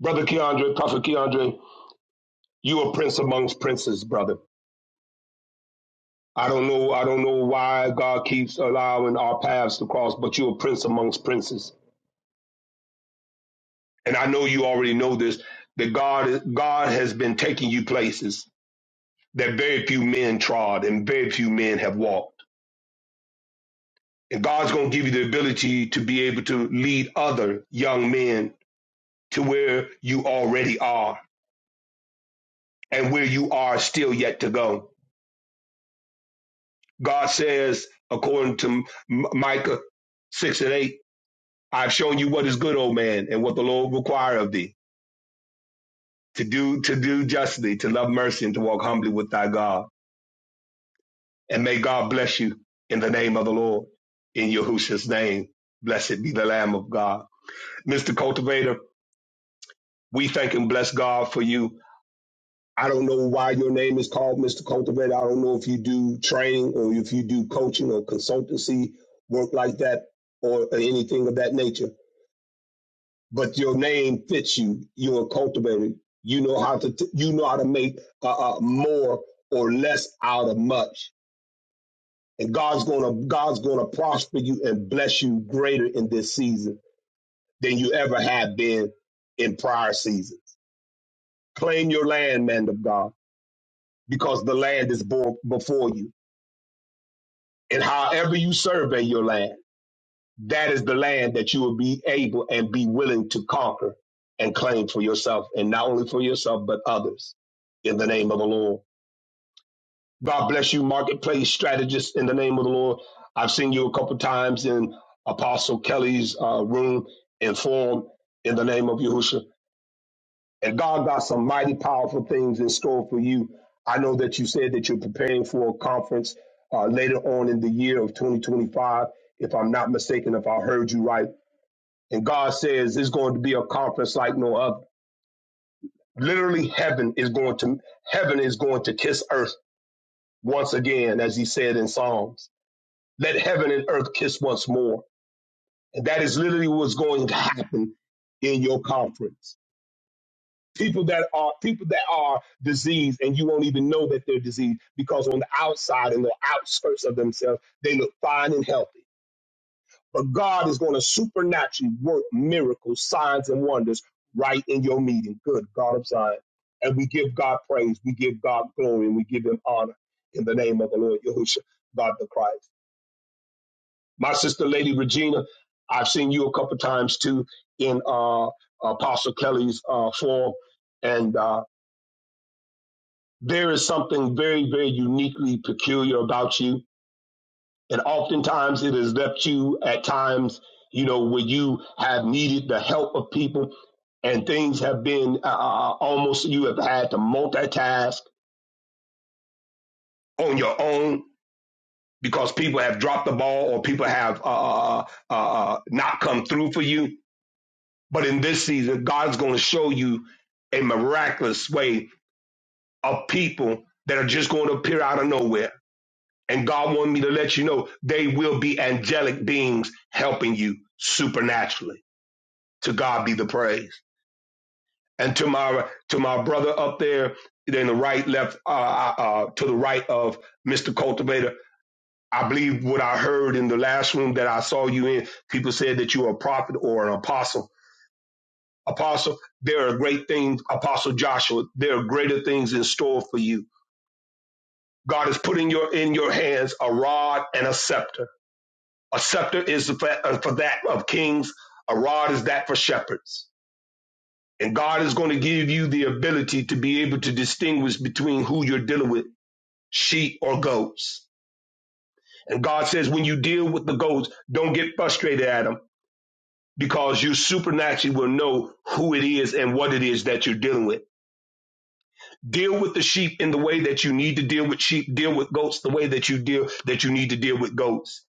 Brother Keandre, Prophet Keandre, you a prince amongst princes, brother. I don't know. I don't know why God keeps allowing our paths to cross, but you're a prince amongst princes, and I know you already know this. That God, God has been taking you places that very few men trod and very few men have walked. And God's going to give you the ability to be able to lead other young men to where you already are and where you are still yet to go. God says, according to Micah six and eight, I've shown you what is good, old man, and what the Lord require of thee to do to do justly, to love mercy, and to walk humbly with thy God. And may God bless you in the name of the Lord, in Yahushua's name. Blessed be the Lamb of God. Mr. Cultivator, we thank and bless God for you. I don't know why your name is called Mr. Cultivator. I don't know if you do training or if you do coaching or consultancy work like that or anything of that nature. but your name fits you. You are cultivated. You know how to. t- you know how to make uh, uh, more or less out of much. And God's gonna God's gonna prosper you and bless you greater in this season than you ever have been in prior seasons. Claim your land, man of God, because the land is bo- before you. And however you survey your land. that is the land that you will be able and be willing to conquer and claim for yourself, and not only for yourself, but others in the name of the Lord. God bless you, marketplace strategist, in the name of the Lord. I've seen you a couple times in Apostle Kelly's uh, room and forum in the name of Yahushua. And God got some mighty powerful things in store for you. I know that you said that you're preparing for a conference uh, later on in the year of 2025, if I'm not mistaken, if I heard you right. And God says it's going to be a conference like no other. Literally, heaven is going to heaven is going to kiss earth once again, as he said in Psalms. Let heaven and earth kiss once more. And that is literally what's going to happen in your conference. People that are people that are diseased and you won't even know that they're diseased because on the outside and the outskirts of themselves, they look fine and healthy. But God is going to supernaturally work miracles, signs, and wonders right in your meeting. Good God of Zion. And we give God praise, we give God glory, and we give him honor in the name of the Lord Yahushua, God the Christ. My sister, Lady Regina, I've seen you a couple times too in uh, Apostle Kelly's uh, forum. And uh, there is something very, very uniquely peculiar about you And oftentimes it has left you at times, you know, where you have needed the help of people and things have been uh, uh, uh, almost you have had to multitask on your own because people have dropped the ball or people have uh, uh, uh, uh, uh, not come through for you. But in this season, God's going to show you a miraculous way of people that are just going to appear out of nowhere. And God wanted me to let you know they will be angelic beings helping you supernaturally. To God be the praise. And to my to my brother up there, then the right, left, uh, uh, uh, to the right of Mr. Cultivator. I believe what I heard in the last room that I saw you in. People said that you are a prophet or an apostle. Apostle, there are great things. Apostle Joshua, there are greater things in store for you. God has put in your in your hands a rod and a scepter. A scepter is for, uh, for that of kings. A rod is that for shepherds And God is going to give you the ability to be able to distinguish between who you're dealing with, sheep or goats. And God says, when you deal with the goats, don't get frustrated at them because you supernaturally will know who it is and what it is that you're dealing with. Deal with the sheep in the way that you need to deal with sheep. Deal with goats the way that you deal that you need to deal with goats.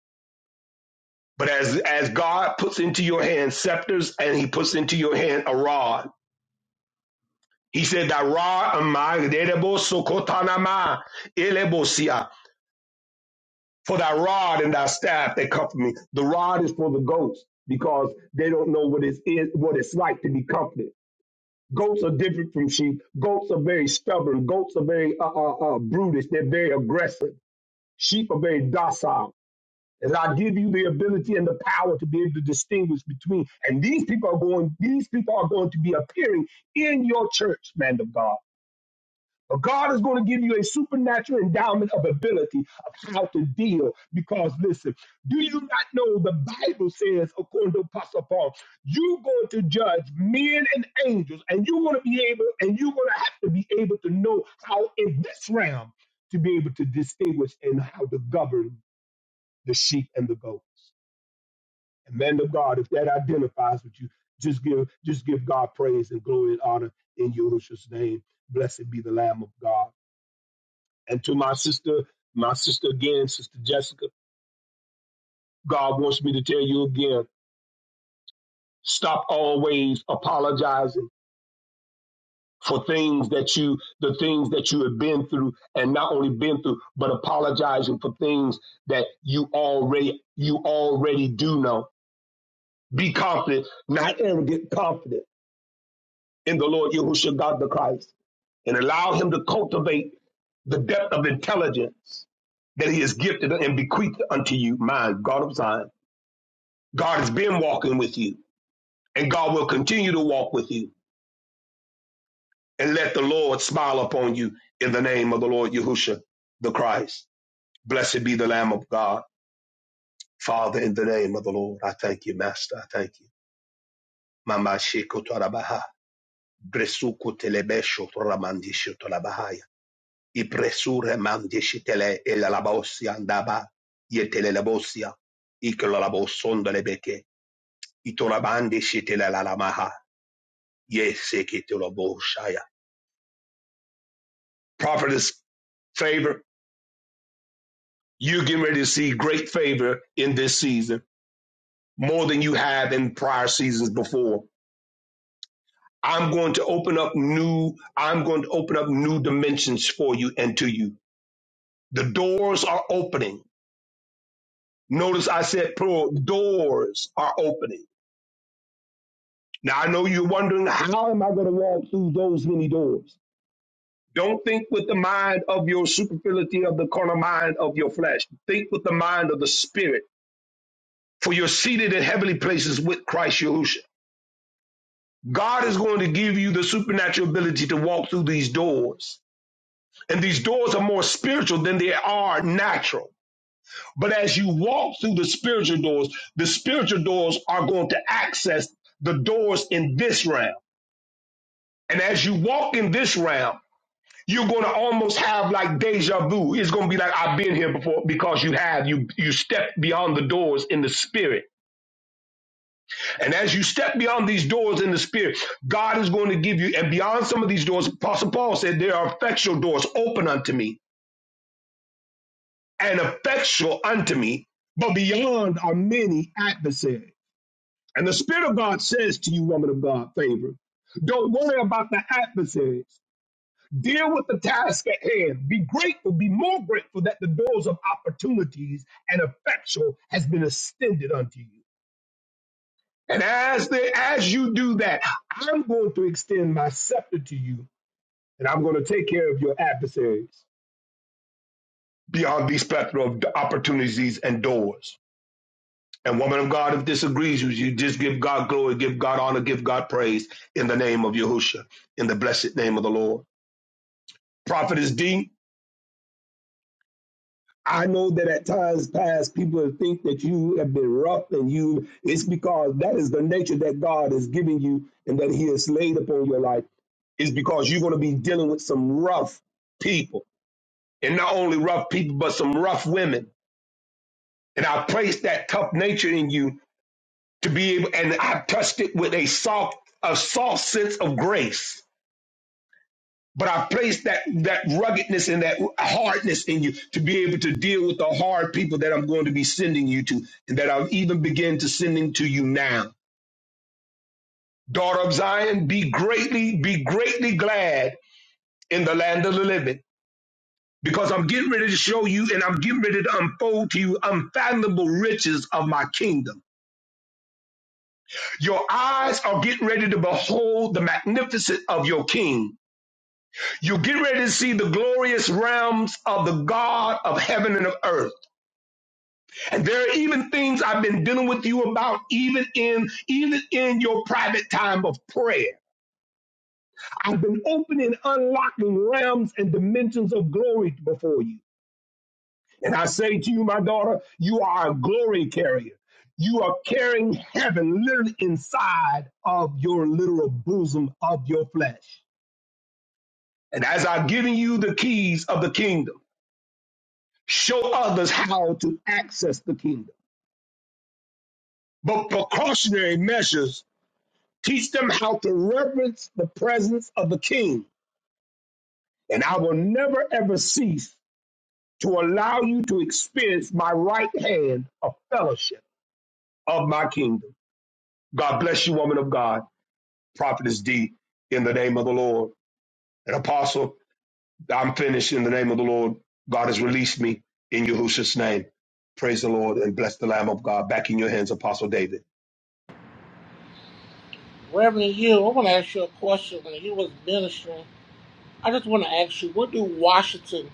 But as as God puts into your hand scepters and He puts into your hand a rod, He said that rod and my derebo sokotanama elebosia for that rod and that staff that comfort me. The rod is for the goats because they don't know what it is what it's like to be comforted. Goats are different from sheep. Goats are very stubborn. Goats are very uh, uh, uh, brutish. They're very aggressive. Sheep are very docile. And I give you the ability and the power to be able to distinguish between. And these people are going. These people are going to be appearing in your church, man of God God is going to give you a supernatural endowment of ability of how to deal. Because listen, do you not know the Bible says, according to Apostle Paul, you're going to judge men and angels, and you're going to be able, and you're going to have to be able to know how in this realm to be able to distinguish and how to govern the sheep and the goats. And man of God, if that identifies with you, just give just give God praise and glory and honor in Yahushua's name. Blessed be the Lamb of God. And to my sister, my sister again, Sister Jessica, God wants me to tell you again, stop always apologizing for things that you the things that you have been through and not only been through but apologizing for things that you already you already do know be confident not arrogant confident in the lord yahushua god the christ and allow him to cultivate the depth of intelligence that he has gifted and bequeathed unto you my god of zion God has been walking with you, and God will continue to walk with you. And let the Lord smile upon you in the name of the Lord Yahushua the Christ. Blessed be the Lamb of God. Father, in the name of the Lord, I thank you, Master. I thank you. Mama Sheko Torabaha. Bresuku telebesho toramandisho torabahaya. Ipresure mandishi elalabosia andaba. Yetelelabosia. Ikelalaboson delebeke. Itorabandishitelelamaha. Yes, prophetess favor. You're getting ready to see great favor in this season, more than you have in prior seasons before. I'm going to open up new, I'm going to open up new dimensions for you and to you. The doors are opening. Notice I said plural, doors are opening. Now I know you're wondering, how am I going to walk through those many doors? Don't think with the mind of your superfluity of the carnal mind of your flesh. Think with the mind of the spirit for you're seated in heavenly places with Christ Yahushua. God is going to give you the supernatural ability to walk through these doors. And these doors are more spiritual than they are natural. But as you walk through the spiritual doors, the spiritual doors are going to access the doors in this realm. And as you walk in this realm, you're going to almost have like deja vu. It's going to be like I've been here before because you have you you step beyond the doors in the spirit And as you step beyond these doors in the spirit, God is going to give you, and beyond some of these doors, Apostle Paul said, There are effectual doors open unto me, and effectual unto me, but beyond are many adversaries. And the Spirit of God says to you, woman of God, favor, don't worry about the adversaries. Deal with the task at hand. Be grateful, be more grateful that the doors of opportunities and effectual has been extended unto you. And as the, as you do that, I'm going to extend my scepter to you, and I'm going to take care of your adversaries beyond these plethora of opportunities and doors. And woman of God, if disagrees with you, just give God glory, give God honor, give God praise in the name of Yahushua, in the blessed name of the Lord. Prophet is D. I know that at times past people think that you have been rough and you it's because that is the nature that God has given you and that He has laid upon your life is because you're going to be dealing with some rough people. And not only rough people, but some rough women. And I placed that tough nature in you to be able and I touched it with a soft, a soft sense of grace But I place that that ruggedness and that hardness in you to be able to deal with the hard people that I'm going to be sending you to, and that I'll even begin to sending to you now. Daughter of Zion, be greatly, be greatly glad in the land of the living. Because I'm getting ready to show you and I'm getting ready to unfold to you unfathomable riches of my kingdom. Your eyes are getting ready to behold the magnificence of your king. You're getting ready to see the glorious realms of the God of heaven and of earth. And there are even things I've been dealing with you about, even in even in your private time of prayer. I've been opening, unlocking realms and dimensions of glory before you. And I say to you, my daughter, you are a glory carrier. You are carrying heaven literally inside of your literal bosom of your flesh. And as I've given you the keys of the kingdom, show others how to access the kingdom. But precautionary measures Teach them how to reverence the presence of the King, and I will never ever cease to allow you to experience my right hand of fellowship of my kingdom. God bless you, woman of God, prophetess D, in the name of the Lord. And apostle, I'm finished in the name of the Lord. God has released me in Yahushua's name. Praise the Lord and bless the Lamb of God. Back in your hands, Apostle David.
Reverend, you. I want to ask you a question. When you was ministering, I just want to ask you, what do Washington,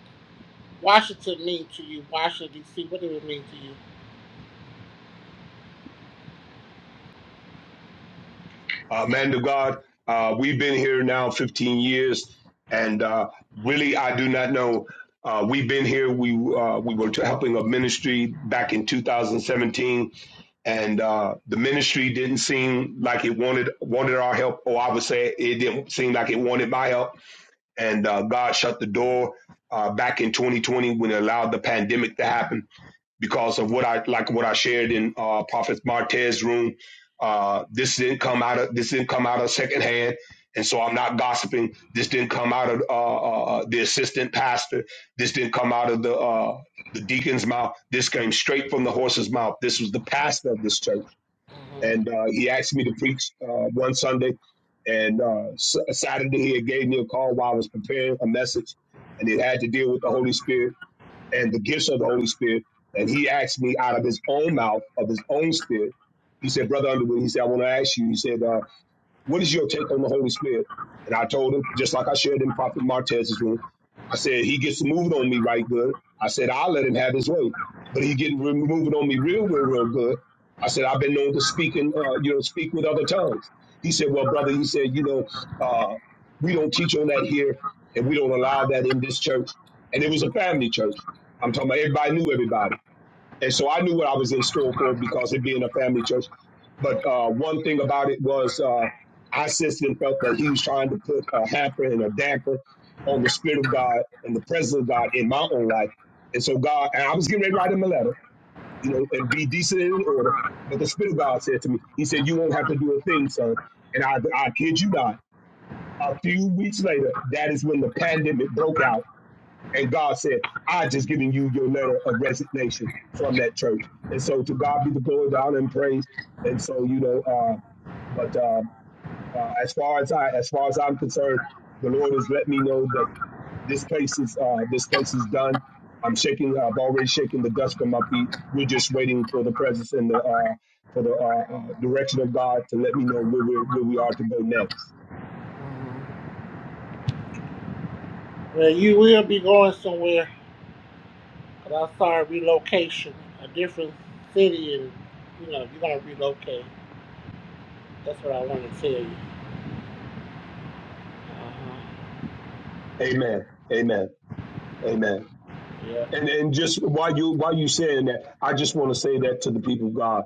Washington mean to you? Washington D.C. What does it mean to you?
uh, man of God. Uh, we've been here now 15 years, and uh, really, I do not know. Uh, we've been here. We uh, we were helping a ministry back in 2017, and uh, the ministry didn't seem like it wanted wanted our help, or I would say it didn't seem like it wanted my help. And uh, God shut the door uh, back in 2020 when it allowed the pandemic to happen because of what I like what I shared in uh, Prophet Martez's room. Uh, this didn't come out of this didn't come out of secondhand, and so I'm not gossiping. This didn't come out of uh, uh, uh, the assistant pastor. This didn't come out of the uh, the deacon's mouth. This came straight from the horse's mouth. This was the pastor of this church, and uh, he asked me to preach uh, one Sunday, and uh, S- Saturday he had gave me a call while I was preparing a message, and it had to deal with the Holy Spirit and the gifts of the Holy Spirit. And he asked me out of his own mouth, of his own spirit. He said, Brother Underwood, he said, I want to ask you. He said, uh, what is your take on the Holy Spirit? And I told him, just like I shared in Prophet Martez's room, I said, he gets moving on me right good. I said, I'll let him have his way. But he getting re- moving on me real, real, real good. I said, I've been known to speak in, uh, you know, speak with other tongues. He said, well, brother, he said, you know, uh, we don't teach on that here and we don't allow that in this church. And it was a family church. I'm talking about everybody knew everybody. And so I knew what I was in store for because it being a family church. But uh, one thing about it was uh, I sensed and felt that he was trying to put a hamper and a damper on the Spirit of God and the presence of God in my own life. And so God, and I was getting ready to write him a letter, you know, and be decent and in order. But the Spirit of God said to me, He said, You won't have to do a thing, son. And I, I kid you not, a few weeks later, that is when the pandemic broke out and God said, I just giving you your letter of resignation from that church. And so to God be the glory, the honor, and praise. And so, you know, uh, but uh, uh, as far as I as far as I'm concerned, the Lord has let me know that this place is uh, this place is done. I'm shaking. I've already shaken the dust from my feet. We're just waiting for the presence and the uh, for the uh, uh, direction of God to let me know where we where we are to go next.
hmm Well, you will be going somewhere. But I started relocation, a different city, and you know, you're gonna relocate. That's what I want to tell you. Uh-huh.
Amen. Amen. Amen.
Yeah.
And and just while you while you saying that, I just want to say that to the people of God.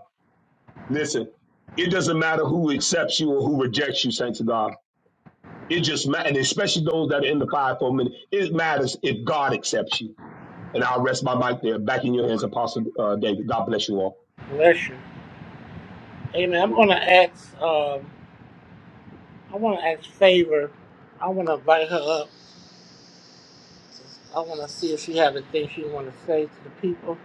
Listen, it doesn't matter who accepts you or who rejects you, saints of God. It just matters, and especially those that are in the fivefold minute. It matters if God accepts you. And I'll rest my mic there. Back in your hands, Apostle uh, David. God bless you all.
Bless you. Amen. I'm gonna ask. Um, I want to ask favor. I want to invite her up. I want to see if she has anything she want to say to the people.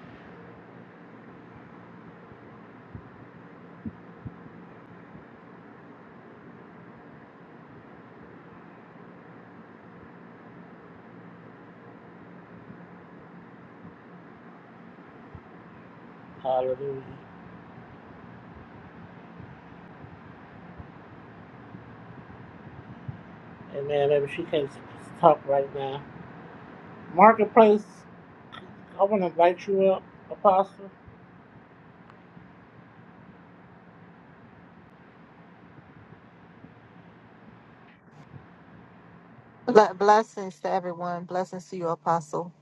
Hallelujah. Amen. Maybe she can't talk right now. Marketplace. I want to invite you up, Apostle.
Ble- Blessings to everyone. Blessings to you, Apostle.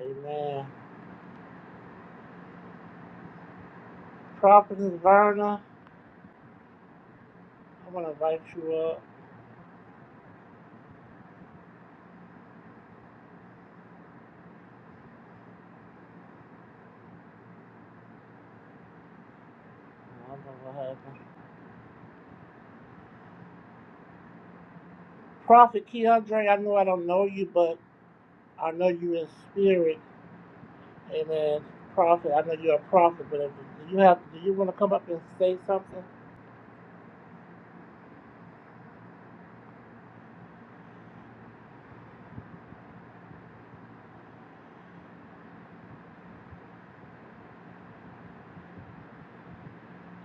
Amen. Prophetess Verna. I want to invite you up. I don't know what happened. Prophet Keandre, I know I don't know you, but I know you in spirit. Amen. Prophet, I know you're a prophet, but if, do you have do you want to come up and say something?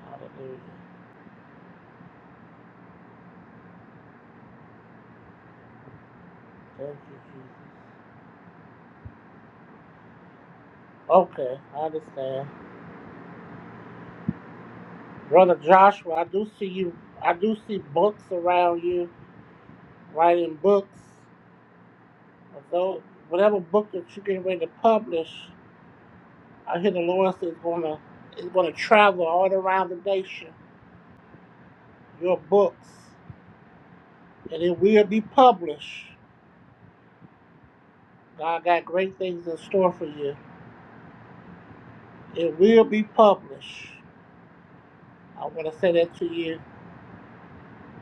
Hallelujah. Thank you, Jesus. Okay, I understand. Brother Joshua, I do see you I do see books around you, writing books. Although whatever book that you're getting ready to publish, I hear the Lord says it's gonna is gonna travel all around the nation. Your books. and it will be published. God got great things in store for you. It will be published. I want to say that to you.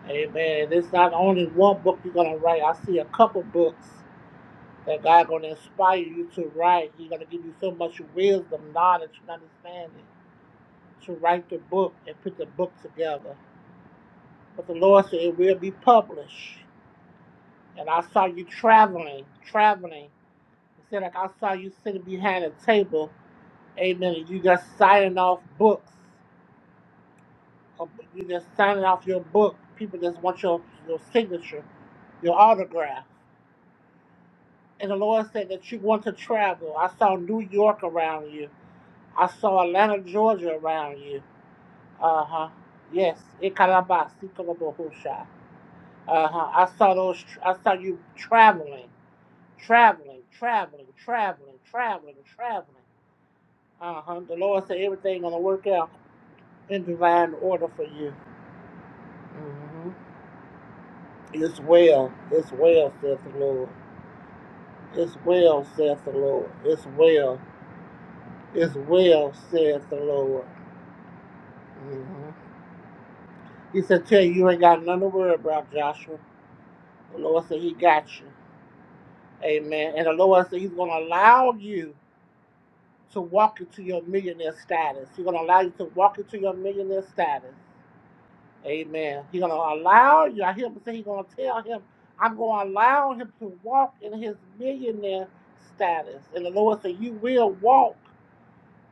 Amen. And it's not only one book you're going to write. I see a couple books that God going to inspire you to write. He's going to give you so much wisdom, knowledge, and understanding to write the book and put the book together. But the Lord said it will be published. And I saw you traveling, traveling. He said, like I saw you sitting behind a table Amen. You just signing off books. Uh, You just signing off your book. People just want your your signature, your autograph. And the Lord said that you want to travel. I saw New York around you. I saw Atlanta, Georgia around you. Uh huh. Yes. Ikarabasi kolobohusha. Uh huh. I saw those. tr- I saw you traveling, traveling, traveling, traveling, traveling, traveling. Uh huh. The Lord said everything gonna work out in divine order for you. Mm-hmm. It's well, it's well, saith the Lord. It's well, saith the Lord. It's well, it's well, saith the Lord. hmm He said, Tell you, you ain't got nothing to worry about, Joshua. The Lord said, He got you. Amen. And the Lord said, He's going to allow you to walk into your millionaire status. He's going to allow you to walk into your millionaire status. Amen. He's gonna allow you. I hear him say he's gonna tell him, I'm gonna allow him to walk in his millionaire status. And the Lord said, You will walk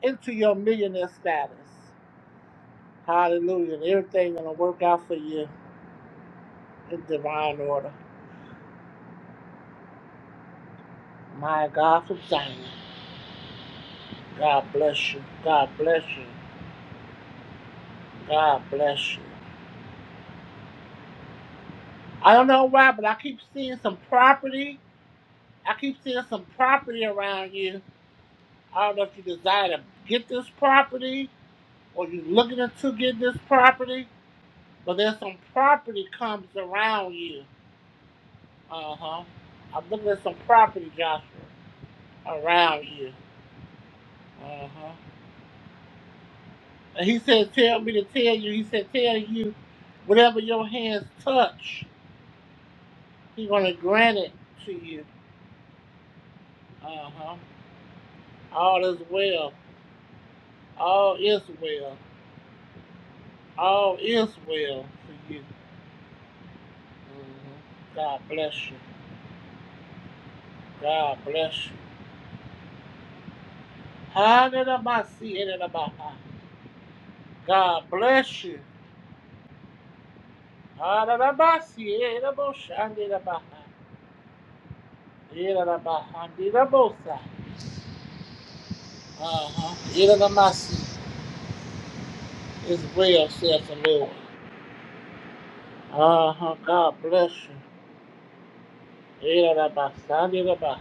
into your millionaire status. Hallelujah. And everything gonna work out for you in divine order. My God from Zion. God bless you. God bless you. God bless you. I don't know why, but I keep seeing some property. I keep seeing some property around you. I don't know if you desire to get this property or you looking into getting this property, but there's some property comes around you. Uh huh. I'm looking at some property, Joshua, around you. Uh huh. And he said, "Tell me to tell you." He said, "Tell you, whatever your hands touch, He's gonna grant it to you." Uh huh. All is well. All is well. All is well for you. hmm God bless you. God bless you. Ha-da-da-ba-si-da-da-ba-ha. God bless you. Ha-da-da-ba-si, eh-da-bo-shan-de-da-ba-ha. Eh-da-da-ba-han-de-da-bo-sa. de uh huh It's well, says the Lord. Uh-huh. God bless you. eh da da ba san de da ba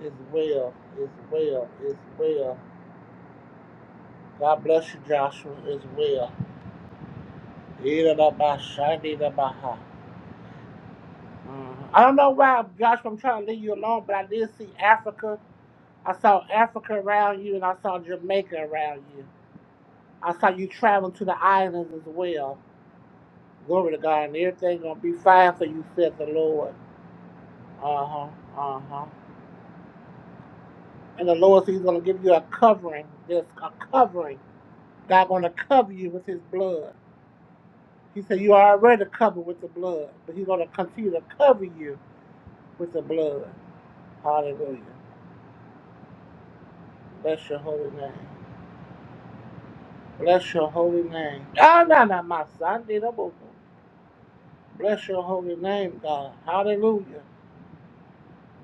It's well. It's well. It's well. God bless you, Joshua. It's well. Eh-da-da-ba-shan-de-da-ba-ha. de da I don't know why, Joshua, I'm trying to leave you alone, but I did see Africa I saw Africa around you and I saw Jamaica around you. I saw you traveling to the islands as well. Glory to God, and everything gonna be fine for you, said the Lord. Uh huh, uh huh. And the Lord says He's gonna give you a covering. There's a covering. God gonna cover you with His blood. He said you are already covered with the blood, but He's gonna continue to cover you with the blood. Hallelujah. Bless your holy name. Bless your holy name. Ah, na na, my son, did a book. Bless your holy name, God. Hallelujah.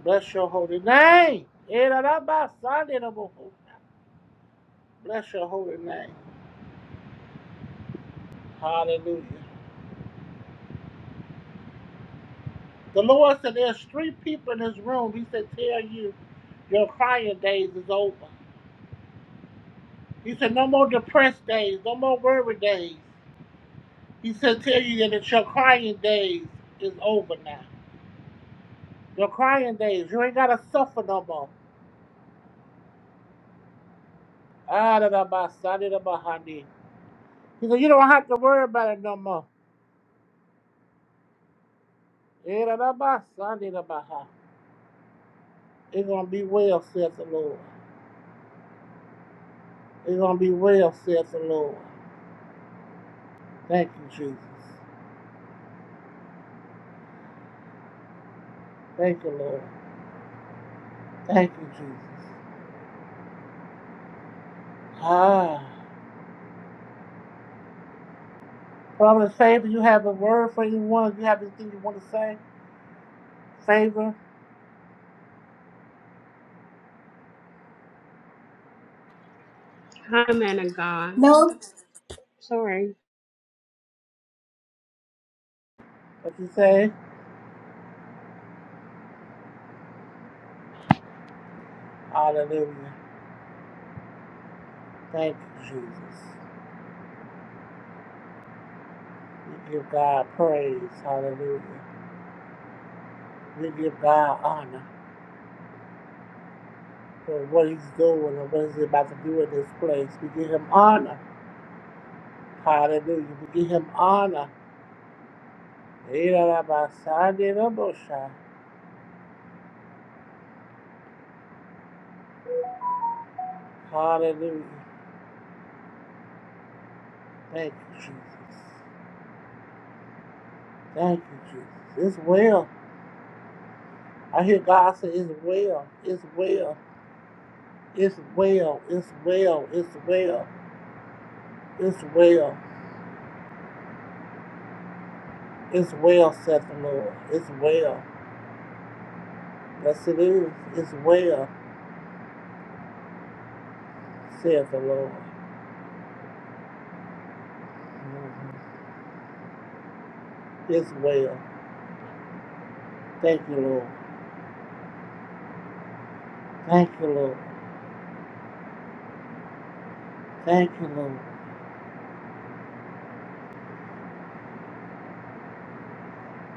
Bless your holy name. Erarabasandirabu. Bless your holy name. Hallelujah. The Lord said there's three people in this room. He said, Tell you your crying days is over. He said, No more depressed days, no more worry days. He said, Tell you that your crying days is over now. Your crying days, you ain't gotta suffer no more. Ah, da, da, ba, sa, da, da, ba, ha, dee. He said, You don't have to worry about it no more. Erababa, Sandabaha. It's going to be well, saith the Lord. It's going to be well, saith the Lord. Thank you, Jesus. Thank you, Lord. Thank you, Jesus. Ah. Father, favor, you have a word for anyone. You have anything you want to say? Favor,
Hi, man of God.
No.
Sorry.
what you say? Hallelujah. Thank you, Jesus. We give God praise. Hallelujah. We give God honor for what he's doing and what he's about to do in this place. We give him honor. Hallelujah. We give him honor. Irarabasandiraboshai. Hallelujah. Thank you, Jesus. Thank you, Jesus. It's well. I hear God say, It's well. It's well. It's well. It's well. It's well. It's well. It's well, saith the Lord. It's well. Yes, it is. It's well, saith the Lord. Mhm. It's well. Thank you, Lord. Thank you, Lord. Thank you, Lord.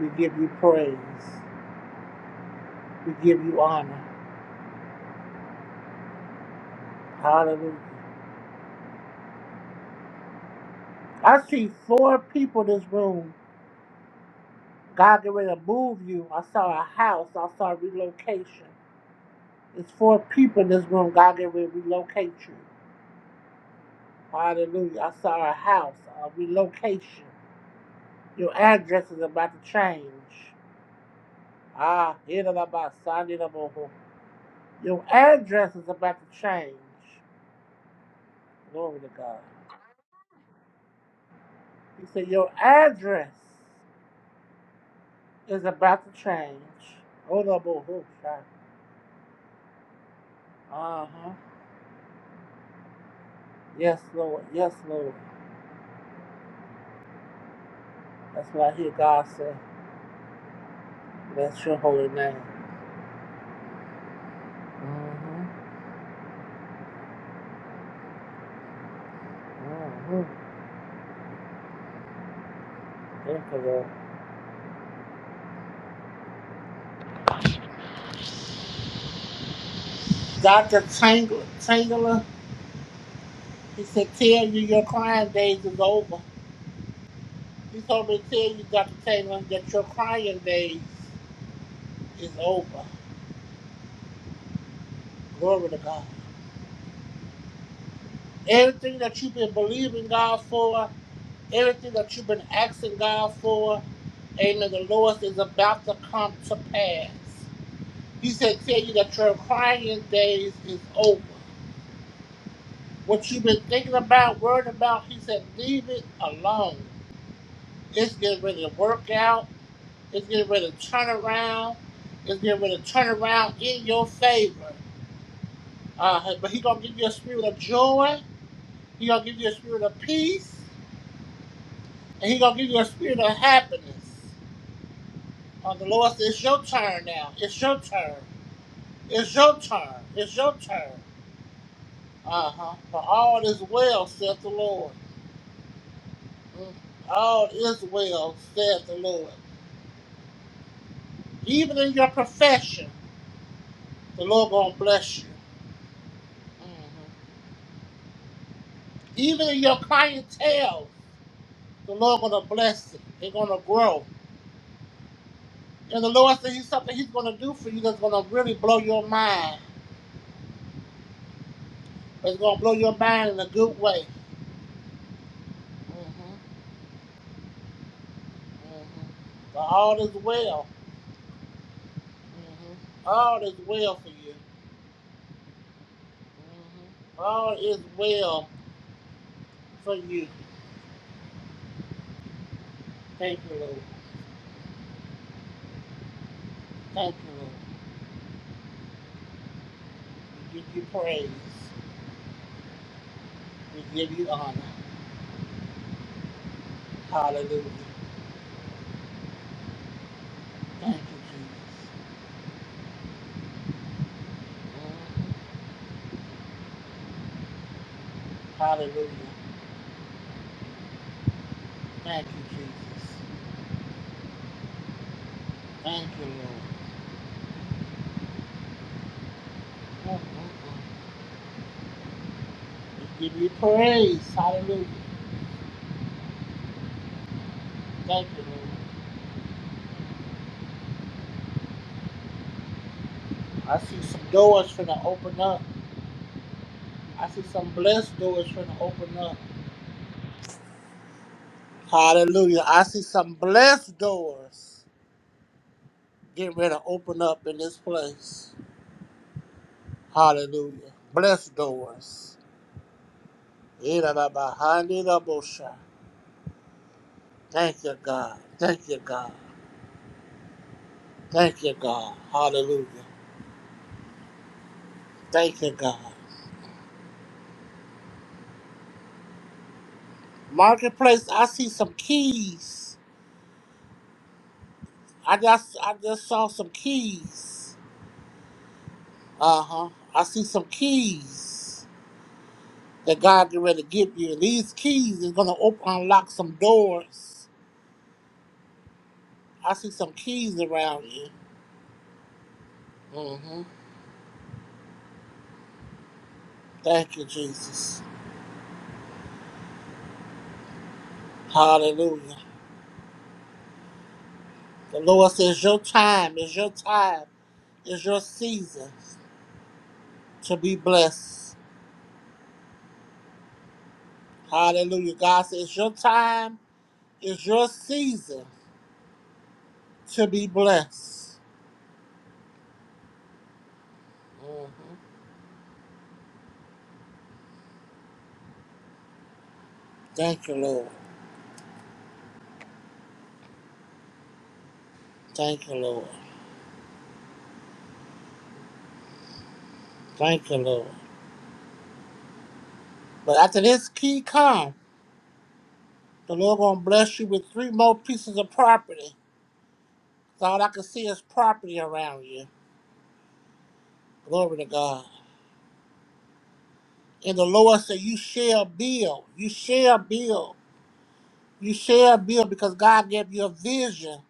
We give you praise. We give you honor. Hallelujah. I see four people in this room. God get ready to move you. I saw a house. I saw relocation. It's four people in this room. God get ready to relocate you. Hallelujah. I saw a house, a relocation. Your address is about to change. Ah, it is about Sunday the boho. Your address is about to change. Glory to God. He said, Your address is about to change. Oh, the Lord. Uh huh. Yes, Lord. Yes, Lord. That's what I hear God say. Bless your holy name. Mm-hmm. Mm-hmm. Thank you, Lord. Dr. Tangler, Tangler, he said, tell you your crying days is over. He told me to tell you, Dr. Tangler, that your crying days is over. Glory to God. Everything that you've been believing God for, everything that you've been asking God for, amen, the Lord is about to come to pass. He said, tell you that your crying days is over. What you've been thinking about, worried about, he said, leave it alone. It's getting ready to work out. It's getting ready to turn around. It's getting ready to turn around in your favor. Uh, but he gonna give you a spirit of joy. He gonna give you a spirit of peace, and he gonna give you a spirit of happiness. Uh, the Lord says, it's your turn now. It's your turn. It's your turn. It's your turn. Uh huh. For all is well, saith the Lord. All is well, says the Lord. Even in your profession, the Lord gonna bless you. Mhm. Even in your clientele, the Lord gonna bless it. It's gonna grow. And the Lord said He's something He's gonna do for you that's gonna really blow your mind. It's gonna blow your mind in a good way. hmm hmm But all is well. hmm All is well for you. hmm All is well for you. Thank you, Lord. Thank you, Lord. We give you praise. We give you honor. Hallelujah. Thank you, Jesus. Mhm. Hallelujah. Thank you, Jesus. Thank you, Lord. Mhm. We give you praise. Hallelujah. Thank you, Lord. I see some doors finna open up. I see some blessed doors finna open up. Hallelujah. I see some blessed doors getting ready to open up in this place. Hallelujah. Blessed doors. Ira da bahandi da bosha. Thank you, God. Thank you, God. Thank you, God. Hallelujah. Thank you, God. Marketplace, I see some keys. I just, I just saw some keys. Uh huh. I see some keys that God get ready to give you. These keys is gonna open, unlock some doors. I see some keys around you. Mm-hmm. Thank you, Jesus. Hallelujah. The Lord says, "Your time is your time. Is your season to be blessed." Hallelujah. God says it's your time, it's your season to be blessed. Mhm. Thank you, Lord. Thank you, Lord. Thank you, Lord. But after this key come, the Lord gonna bless you with three more pieces of property. So all I can see is property around you. Glory to God. And the Lord said, You shall build. You shall build. You shall build because God gave you a vision.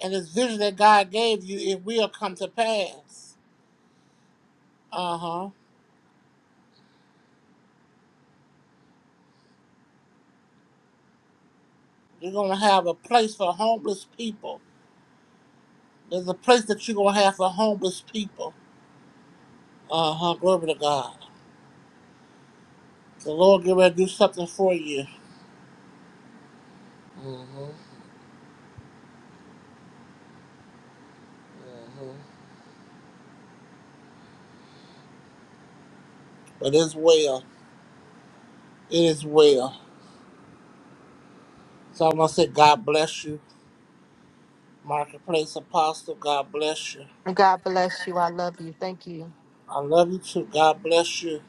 And this vision that God gave you, it will come to pass. Uh huh. You're gonna have a place for homeless people. There's a place that you're gonna have for homeless people. Uh huh. Glory to God. The Lord get ready to do something for you. Mm-hmm. Mm-hmm. But it's well. It is well. So I'm gonna say, God bless you, Marketplace Apostle. God bless you.
God bless you. I love you. Thank you.
I love you too. God bless you.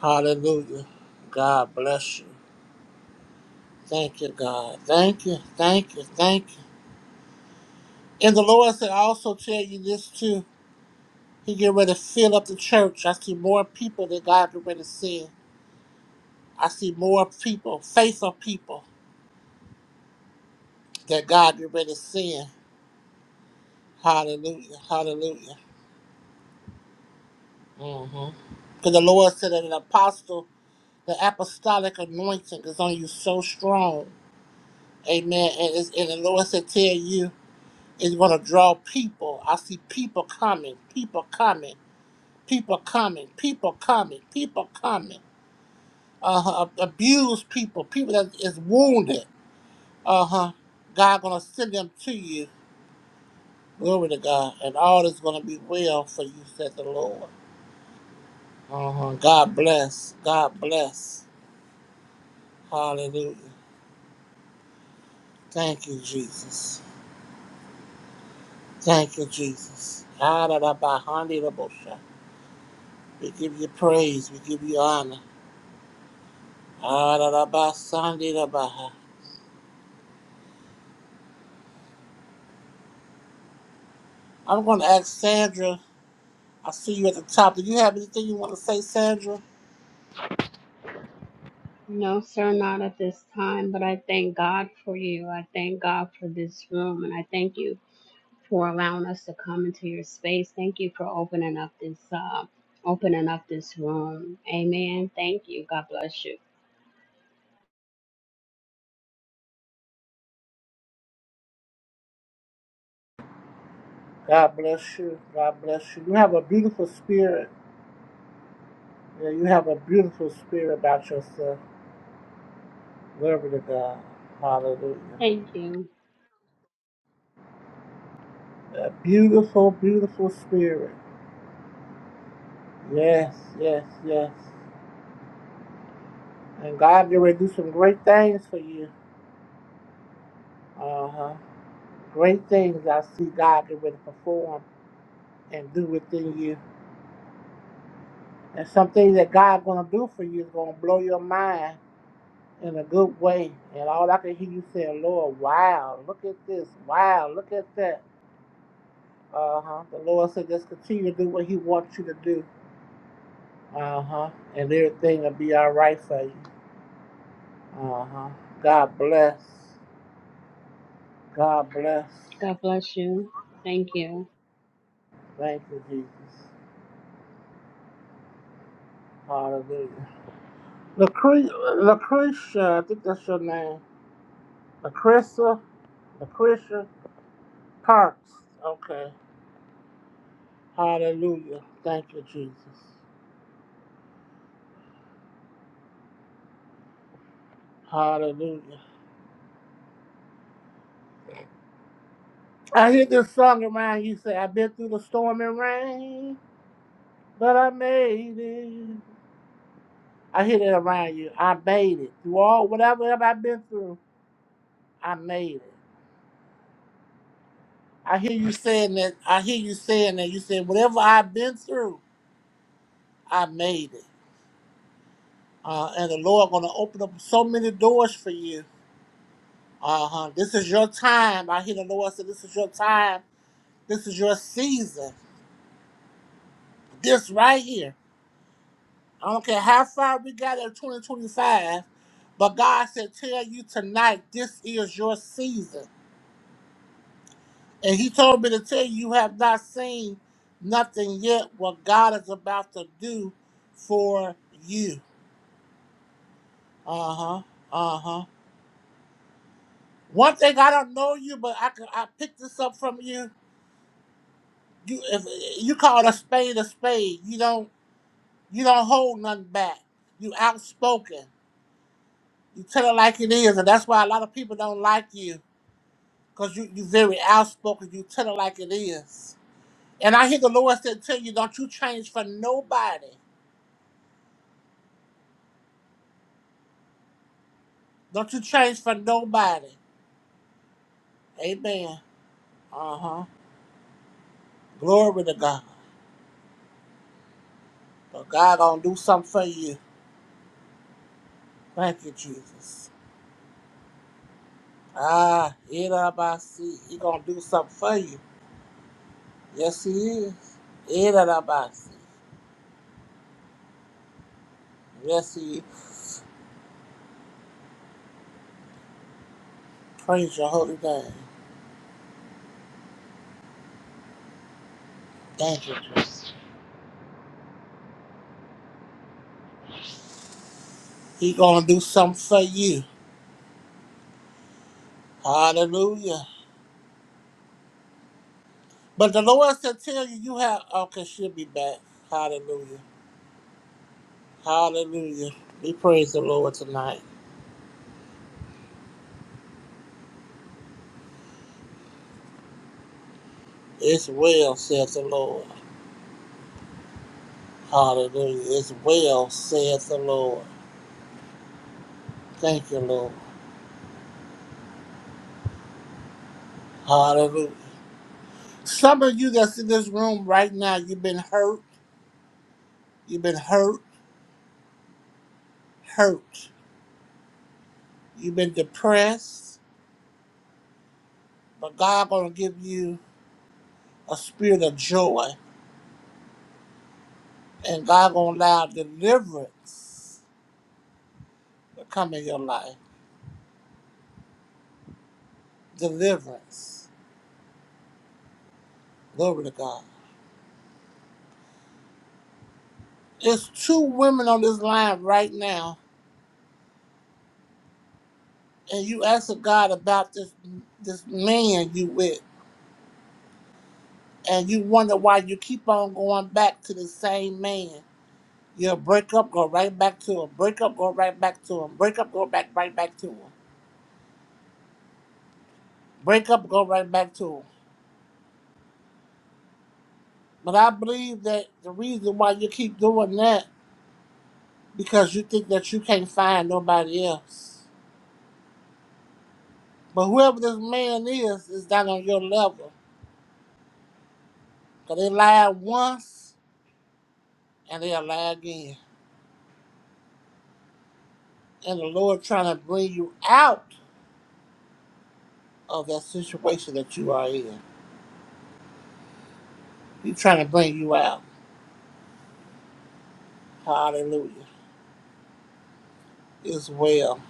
Hallelujah. God bless you. Thank you, God. Thank you. Thank you. Thank you. And the Lord said, I also tell you this too. He get ready to fill up the church. I see more people that God get ready to send. I see more people, faithful people that God get ready to send. Hallelujah. Hallelujah. Mm-hmm. Because the Lord said that an apostle, the apostolic anointing is on you so strong. Amen. And, it's, and the Lord said, tell you, it's going to draw people. I see people coming, people coming, people coming, people coming, people coming. Uh, abused people, people that is wounded. Uh huh. God gonna send them to you. Glory to God, and all is gonna be well for you, said the Lord. Uh huh. God bless. God bless. Hallelujah. Thank you, Jesus. Thank you, Jesus. ha da da We give you praise. We give you honor. ha da da gonna ask Sandra. I see you at the top. Do you have anything you want to say, Sandra?
No, sir, not at this time, but I thank God for you. I thank God for this room, and I thank you for allowing us to come into your space. Thank you for opening up this uh, opening up this room. Amen. Thank you. God bless you.
God bless you. God bless you. You have a beautiful spirit. Yeah, you have a beautiful spirit about yourself. Glory to God. Hallelujah.
Thank you.
A beautiful, beautiful spirit. Yes, yes, yes. And God get ready to do some great things for you. Uh huh. Great things I see God get ready to perform and do within you. And some things that God gonna do for you is gonna blow your mind in a good way. And all I can hear you saying, Lord, wow, look at this, wow, look at that. Uh huh. The Lord said, just continue to do what He wants you to do. Uh huh. And everything will be all right for you. Uh huh. God bless. God bless.
God bless you. Thank you.
Thank you, Jesus. Hallelujah. Lucre- Lucretia, I think that's your name. Lucretia, Lucretia Parks. Okay. Hallelujah. Thank you, Jesus. Hallelujah. I hear this song around you say, I've been through the storm and rain, but I made it. I hear that around you. I made it through all whatever I've been through. I made it. I hear you saying that. I hear you saying that. You said whatever I've been through, I made it. Uh, and the Lord going to open up so many doors for you. Uh huh. This is your time. I hear the Lord say, "This is your time. This is your season. This right here. I don't care how far we got in 2025, but God said, tell you tonight, this is your season. And he told me to tell you, you have not seen nothing yet what God is about to do for you. Uh huh. Uh huh. One thing I don't know you, but I can, I picked this up from you. You if you call it a spade a spade. You don't you don't hold nothing back. You outspoken. You tell it like it is, and that's why a lot of people don't like you because you you very outspoken. You tell it like it is. And I hear the Lord said, "Tell you, don't you change for nobody." Don't you change for nobody. Amen. Uh huh. Glory to God. But God gonna do something for you. Thank you, Jesus. Ah, see. He gonna do something for you. Yes, He is. Irabasi. Yes, He is. Praise your holy name. Thank you, Jesus. He gonna do something for you. Hallelujah. But the Lord said, tell you, you have, okay, she'll be back. Hallelujah. Hallelujah. We praise the Lord tonight. It's well, saith the Lord. Hallelujah. It's well, saith the Lord. Thank you, Lord. Hallelujah. Some of you that's in this room right now, you've been hurt. You've been hurt, hurt. You've been depressed. But God gonna give you a spirit of joy. And God gonna allow deliverance to come in your life. Deliverance. Glory to God. There's two women on this line right now and you asking God about this this man you with, and you wonder why you keep on going back to the same man. You'll break up, go right back to him. Break up, go right back to him. Break up, go back right back to him. Break up, go right back to him. But I believe that the reason why you keep doing that because you think that you can't find nobody else. But whoever this man is is not on your level. Cause they lied once and they'll lie again. And the Lord trying to bring you out of that situation that you are in. He's trying to bring you out. Hallelujah. It's well.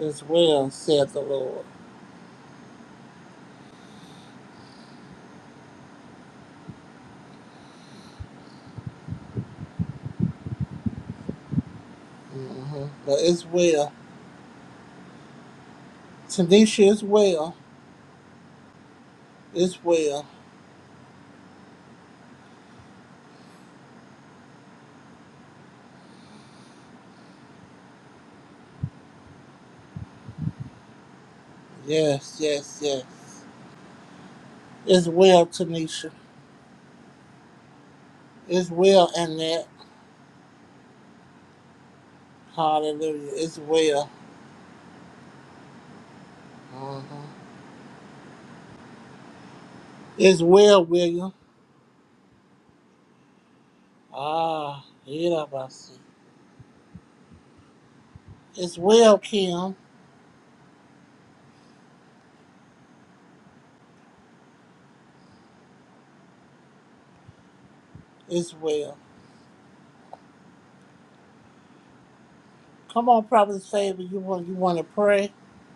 It's well, said the Lord. hmm But it's well. Tanisha, it's well. It's well. Yes, yes, yes. It's well, Tanisha. It's well, Annette. Hallelujah. It's well. hmm It's well, William. Ah, yeah, I see. It's well, Kim. It's well. Come on, Prophet's favor. You want you want to pray?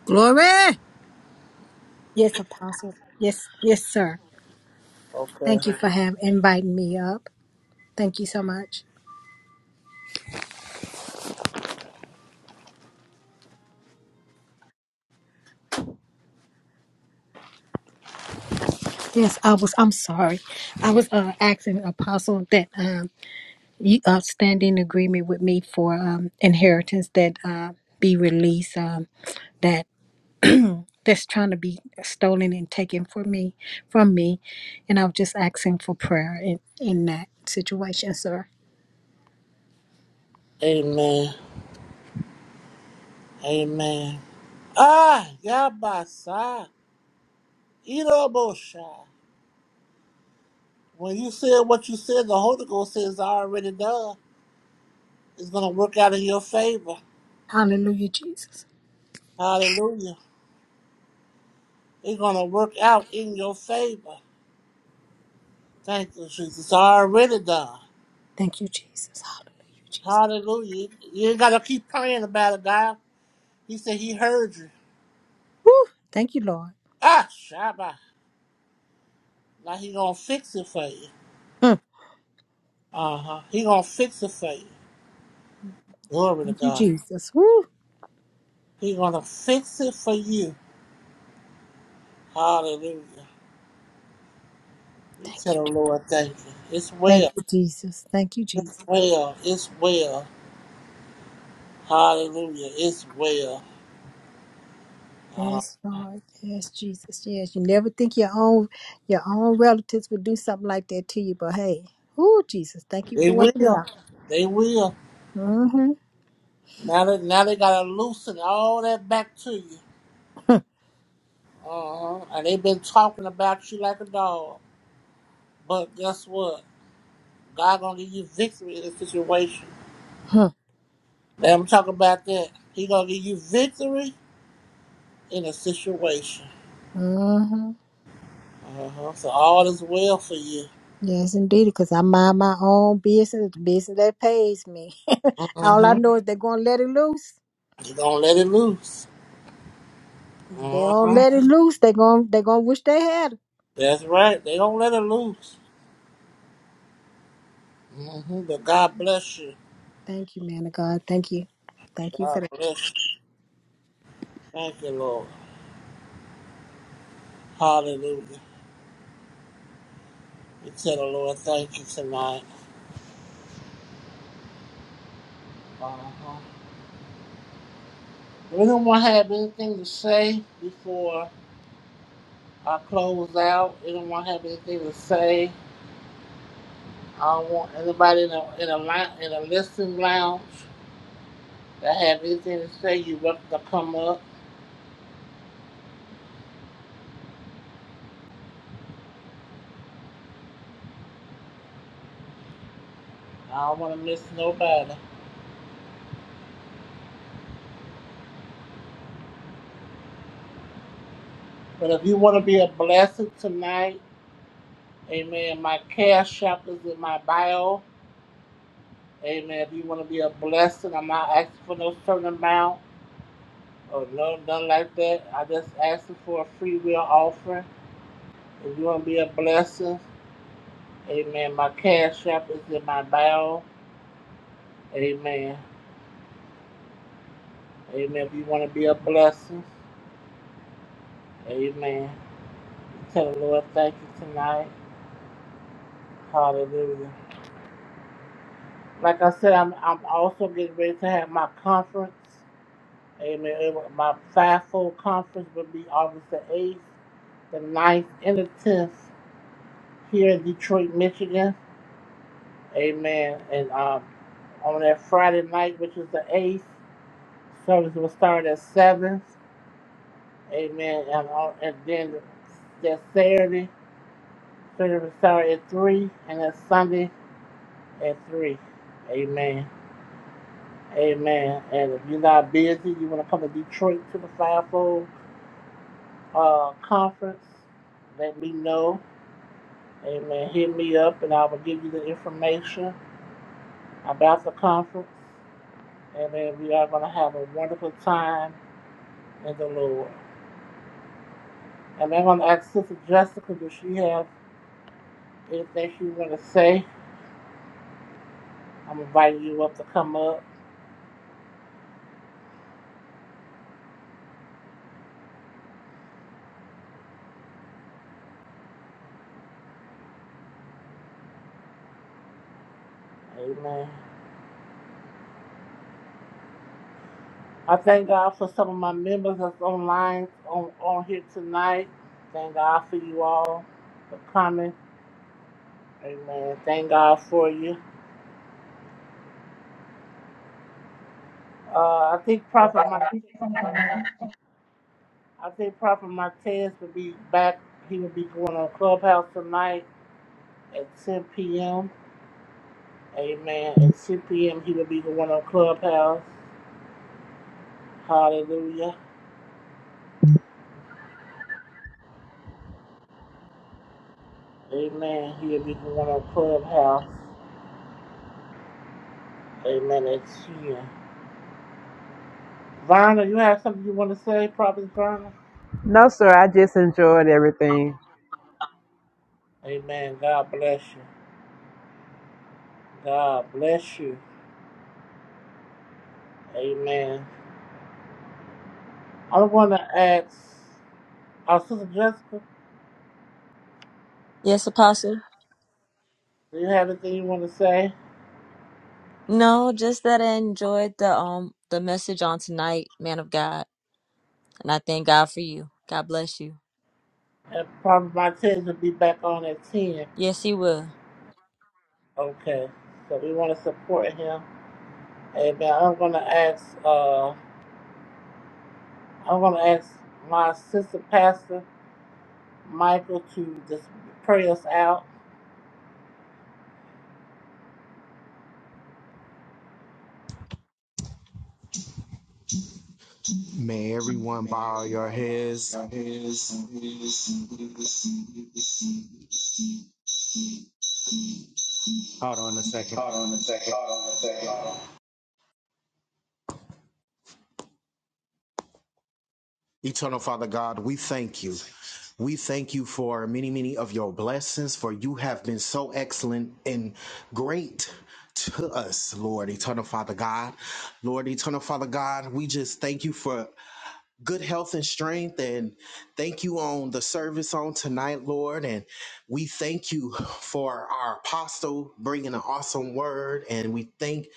Glory. Yes, Apostle. Yes, yes, sir.
Okay.
Thank you for having inviting me up. Thank you so much. Yes, I was. I'm sorry. I was uh, asking Apostle that um, you uh, stand in agreement with me for um, inheritance that uh, be released um, that that's trying to be stolen and taken from me from me, and I'm just asking for prayer in in that situation, sir.
Amen. Amen. Ah, Yabasa. Irobosha. When you said what you said, the Holy Ghost says already done. It's gonna work out in your favor.
Hallelujah, Jesus.
Hallelujah. It's gonna work out in your favor. Thank you, Jesus. It's already done.
Thank you, Jesus. Hallelujah, Jesus.
Hallelujah. You ain't gotta keep praying about it, God. He said he heard you.
Woo! Thank you, Lord.
Ah, Shabbat. Now he gonna fix it for you.
Mm.
Uh-huh. He gonna fix it for you. Glory to
Thank you,
God.
Jesus. Woo!
He's gonna fix it for you. Hallelujah. We
Thank
tell
you.
the
Je-
Lord thank you. It's
Thank
well.
you, Jesus. Thank you,
It's
Jesus.
well. It's well. Hallelujah. It's well. Uh,
Yes, Lord. Yes, Jesus. Yes. You never think your own your own relatives would do something like that to you, but hey, woo, Jesus. Thank you
they
for working it
will.
out.
They will.
Mm-hmm.
Now they now they gotta loosen all that back to you. Uh-huh. And they've been talking about you like a dog. But guess what? God gonna give you victory in the situation. Let him talk about that. He gonna give you victory in a situation.
Mm-hmm.
Uh-huh. So all is well for you.
Yes, indeed, because I mind my own business, the business that pays me. All I
Mm-hmm.
know is they're gonna let it loose.
They don't let it loose.
Cause if they don't
Mm-hmm.
let it loose, they're gonna they're gonna wish they had. it.
That's right. They don't let it loose. Mm-hmm. But God bless you.
Thank you, man of God. Thank you. Thank you for
God
that.
bless you. Thank you, Lord. Hallelujah. We tell the Lord thank you tonight. Uh-huh. If anyone have anything to say before I close out? Anyone have anything to say? I don't want anybody in a in a line, in a listening lounge that have anything to say. You welcome to come up. I don't want to miss nobody. But if you want to be a blessing tonight, amen. My cash app is in my bio. Amen. If you want to be a blessing, I'm not asking for no certain amount or no nothing like that. I just asking for a free will offering. If you want to be a blessing, amen. My cash app is in my bio. Amen. Amen. If you want to be a blessing, amen. Tell the Lord thank you tonight. Hallelujah. Like I said, I'm I'm also getting ready to have my conference. Amen. It wa- My fivefold conference will be August the 8th, the ninth, and the 10th here in Detroit, Michigan. Amen. And um, on that Friday night, which is the 8th, service will start at 7. Amen. And, on, and then that Saturday, service will start at 3, and that Sunday at 3. Amen. Amen. And if you're not busy, you want to come to Detroit to the fivefold uh, conference, let me know. Amen. Hit me up and I will give you the information about the conference. Amen. We are going to have a wonderful time in the Lord. And I'm going to ask Sister Jessica, does she have anything she want to say? I'm inviting you up to come up. Amen. I thank God for some of my members that's online on, on here tonight. Thank God for you all for coming. Amen. Thank God for you. Uh, I think Prophet Mike. I think Prophet Martez will be back. He will be going on Clubhouse tonight at 10 p.m. Amen. At 10 p.m., he will be going on Clubhouse. Hallelujah. Amen. He will be going on Clubhouse. Amen. At 10. Verna, you have something you want to say, Prophet Verna?
No, sir. I just enjoyed everything.
Amen. God bless you. God bless you. Amen. I want to ask our sister Jessica,
Yes, Apostle.
do you have anything you want to say?
No, just that I enjoyed the um the message on tonight, man of God, and I thank God for you. God bless you.
And Prophet Montez will be back on at 10.
Yes, He will.
Okay. So we want to support him. Amen. I'm going to ask, uh, I'm going to ask my sister pastor, Michael, to just pray us out.
May everyone bow your heads. Hold on a second. Hold on a second. Eternal Father God, we thank you. We thank you for many, many of your blessings, for you have been so excellent and great to us, Lord, Eternal Father God. Lord, Eternal Father God, we just thank you for good health and strength and thank you on the service on tonight, Lord. And we thank you for our apostle bringing an awesome word. And we thank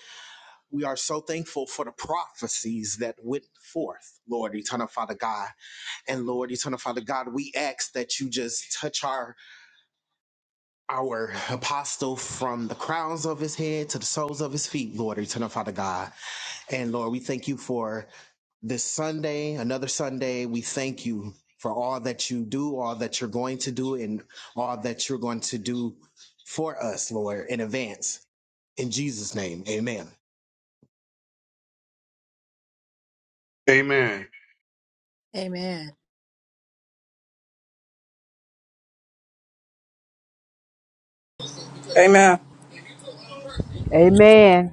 We are so thankful for the prophecies that went forth, Lord, eternal Father God. And Lord, eternal Father God, we ask that you just touch our our apostle from the crowns of his head to the soles of his feet, Lord, eternal Father God. And Lord, we thank you for this Sunday, another Sunday. We thank you for all that you do, all that you're going to do, and all that you're going to do for us, Lord, in advance. In Jesus' name, amen.
Amen.
Amen.
Amen.
Amen.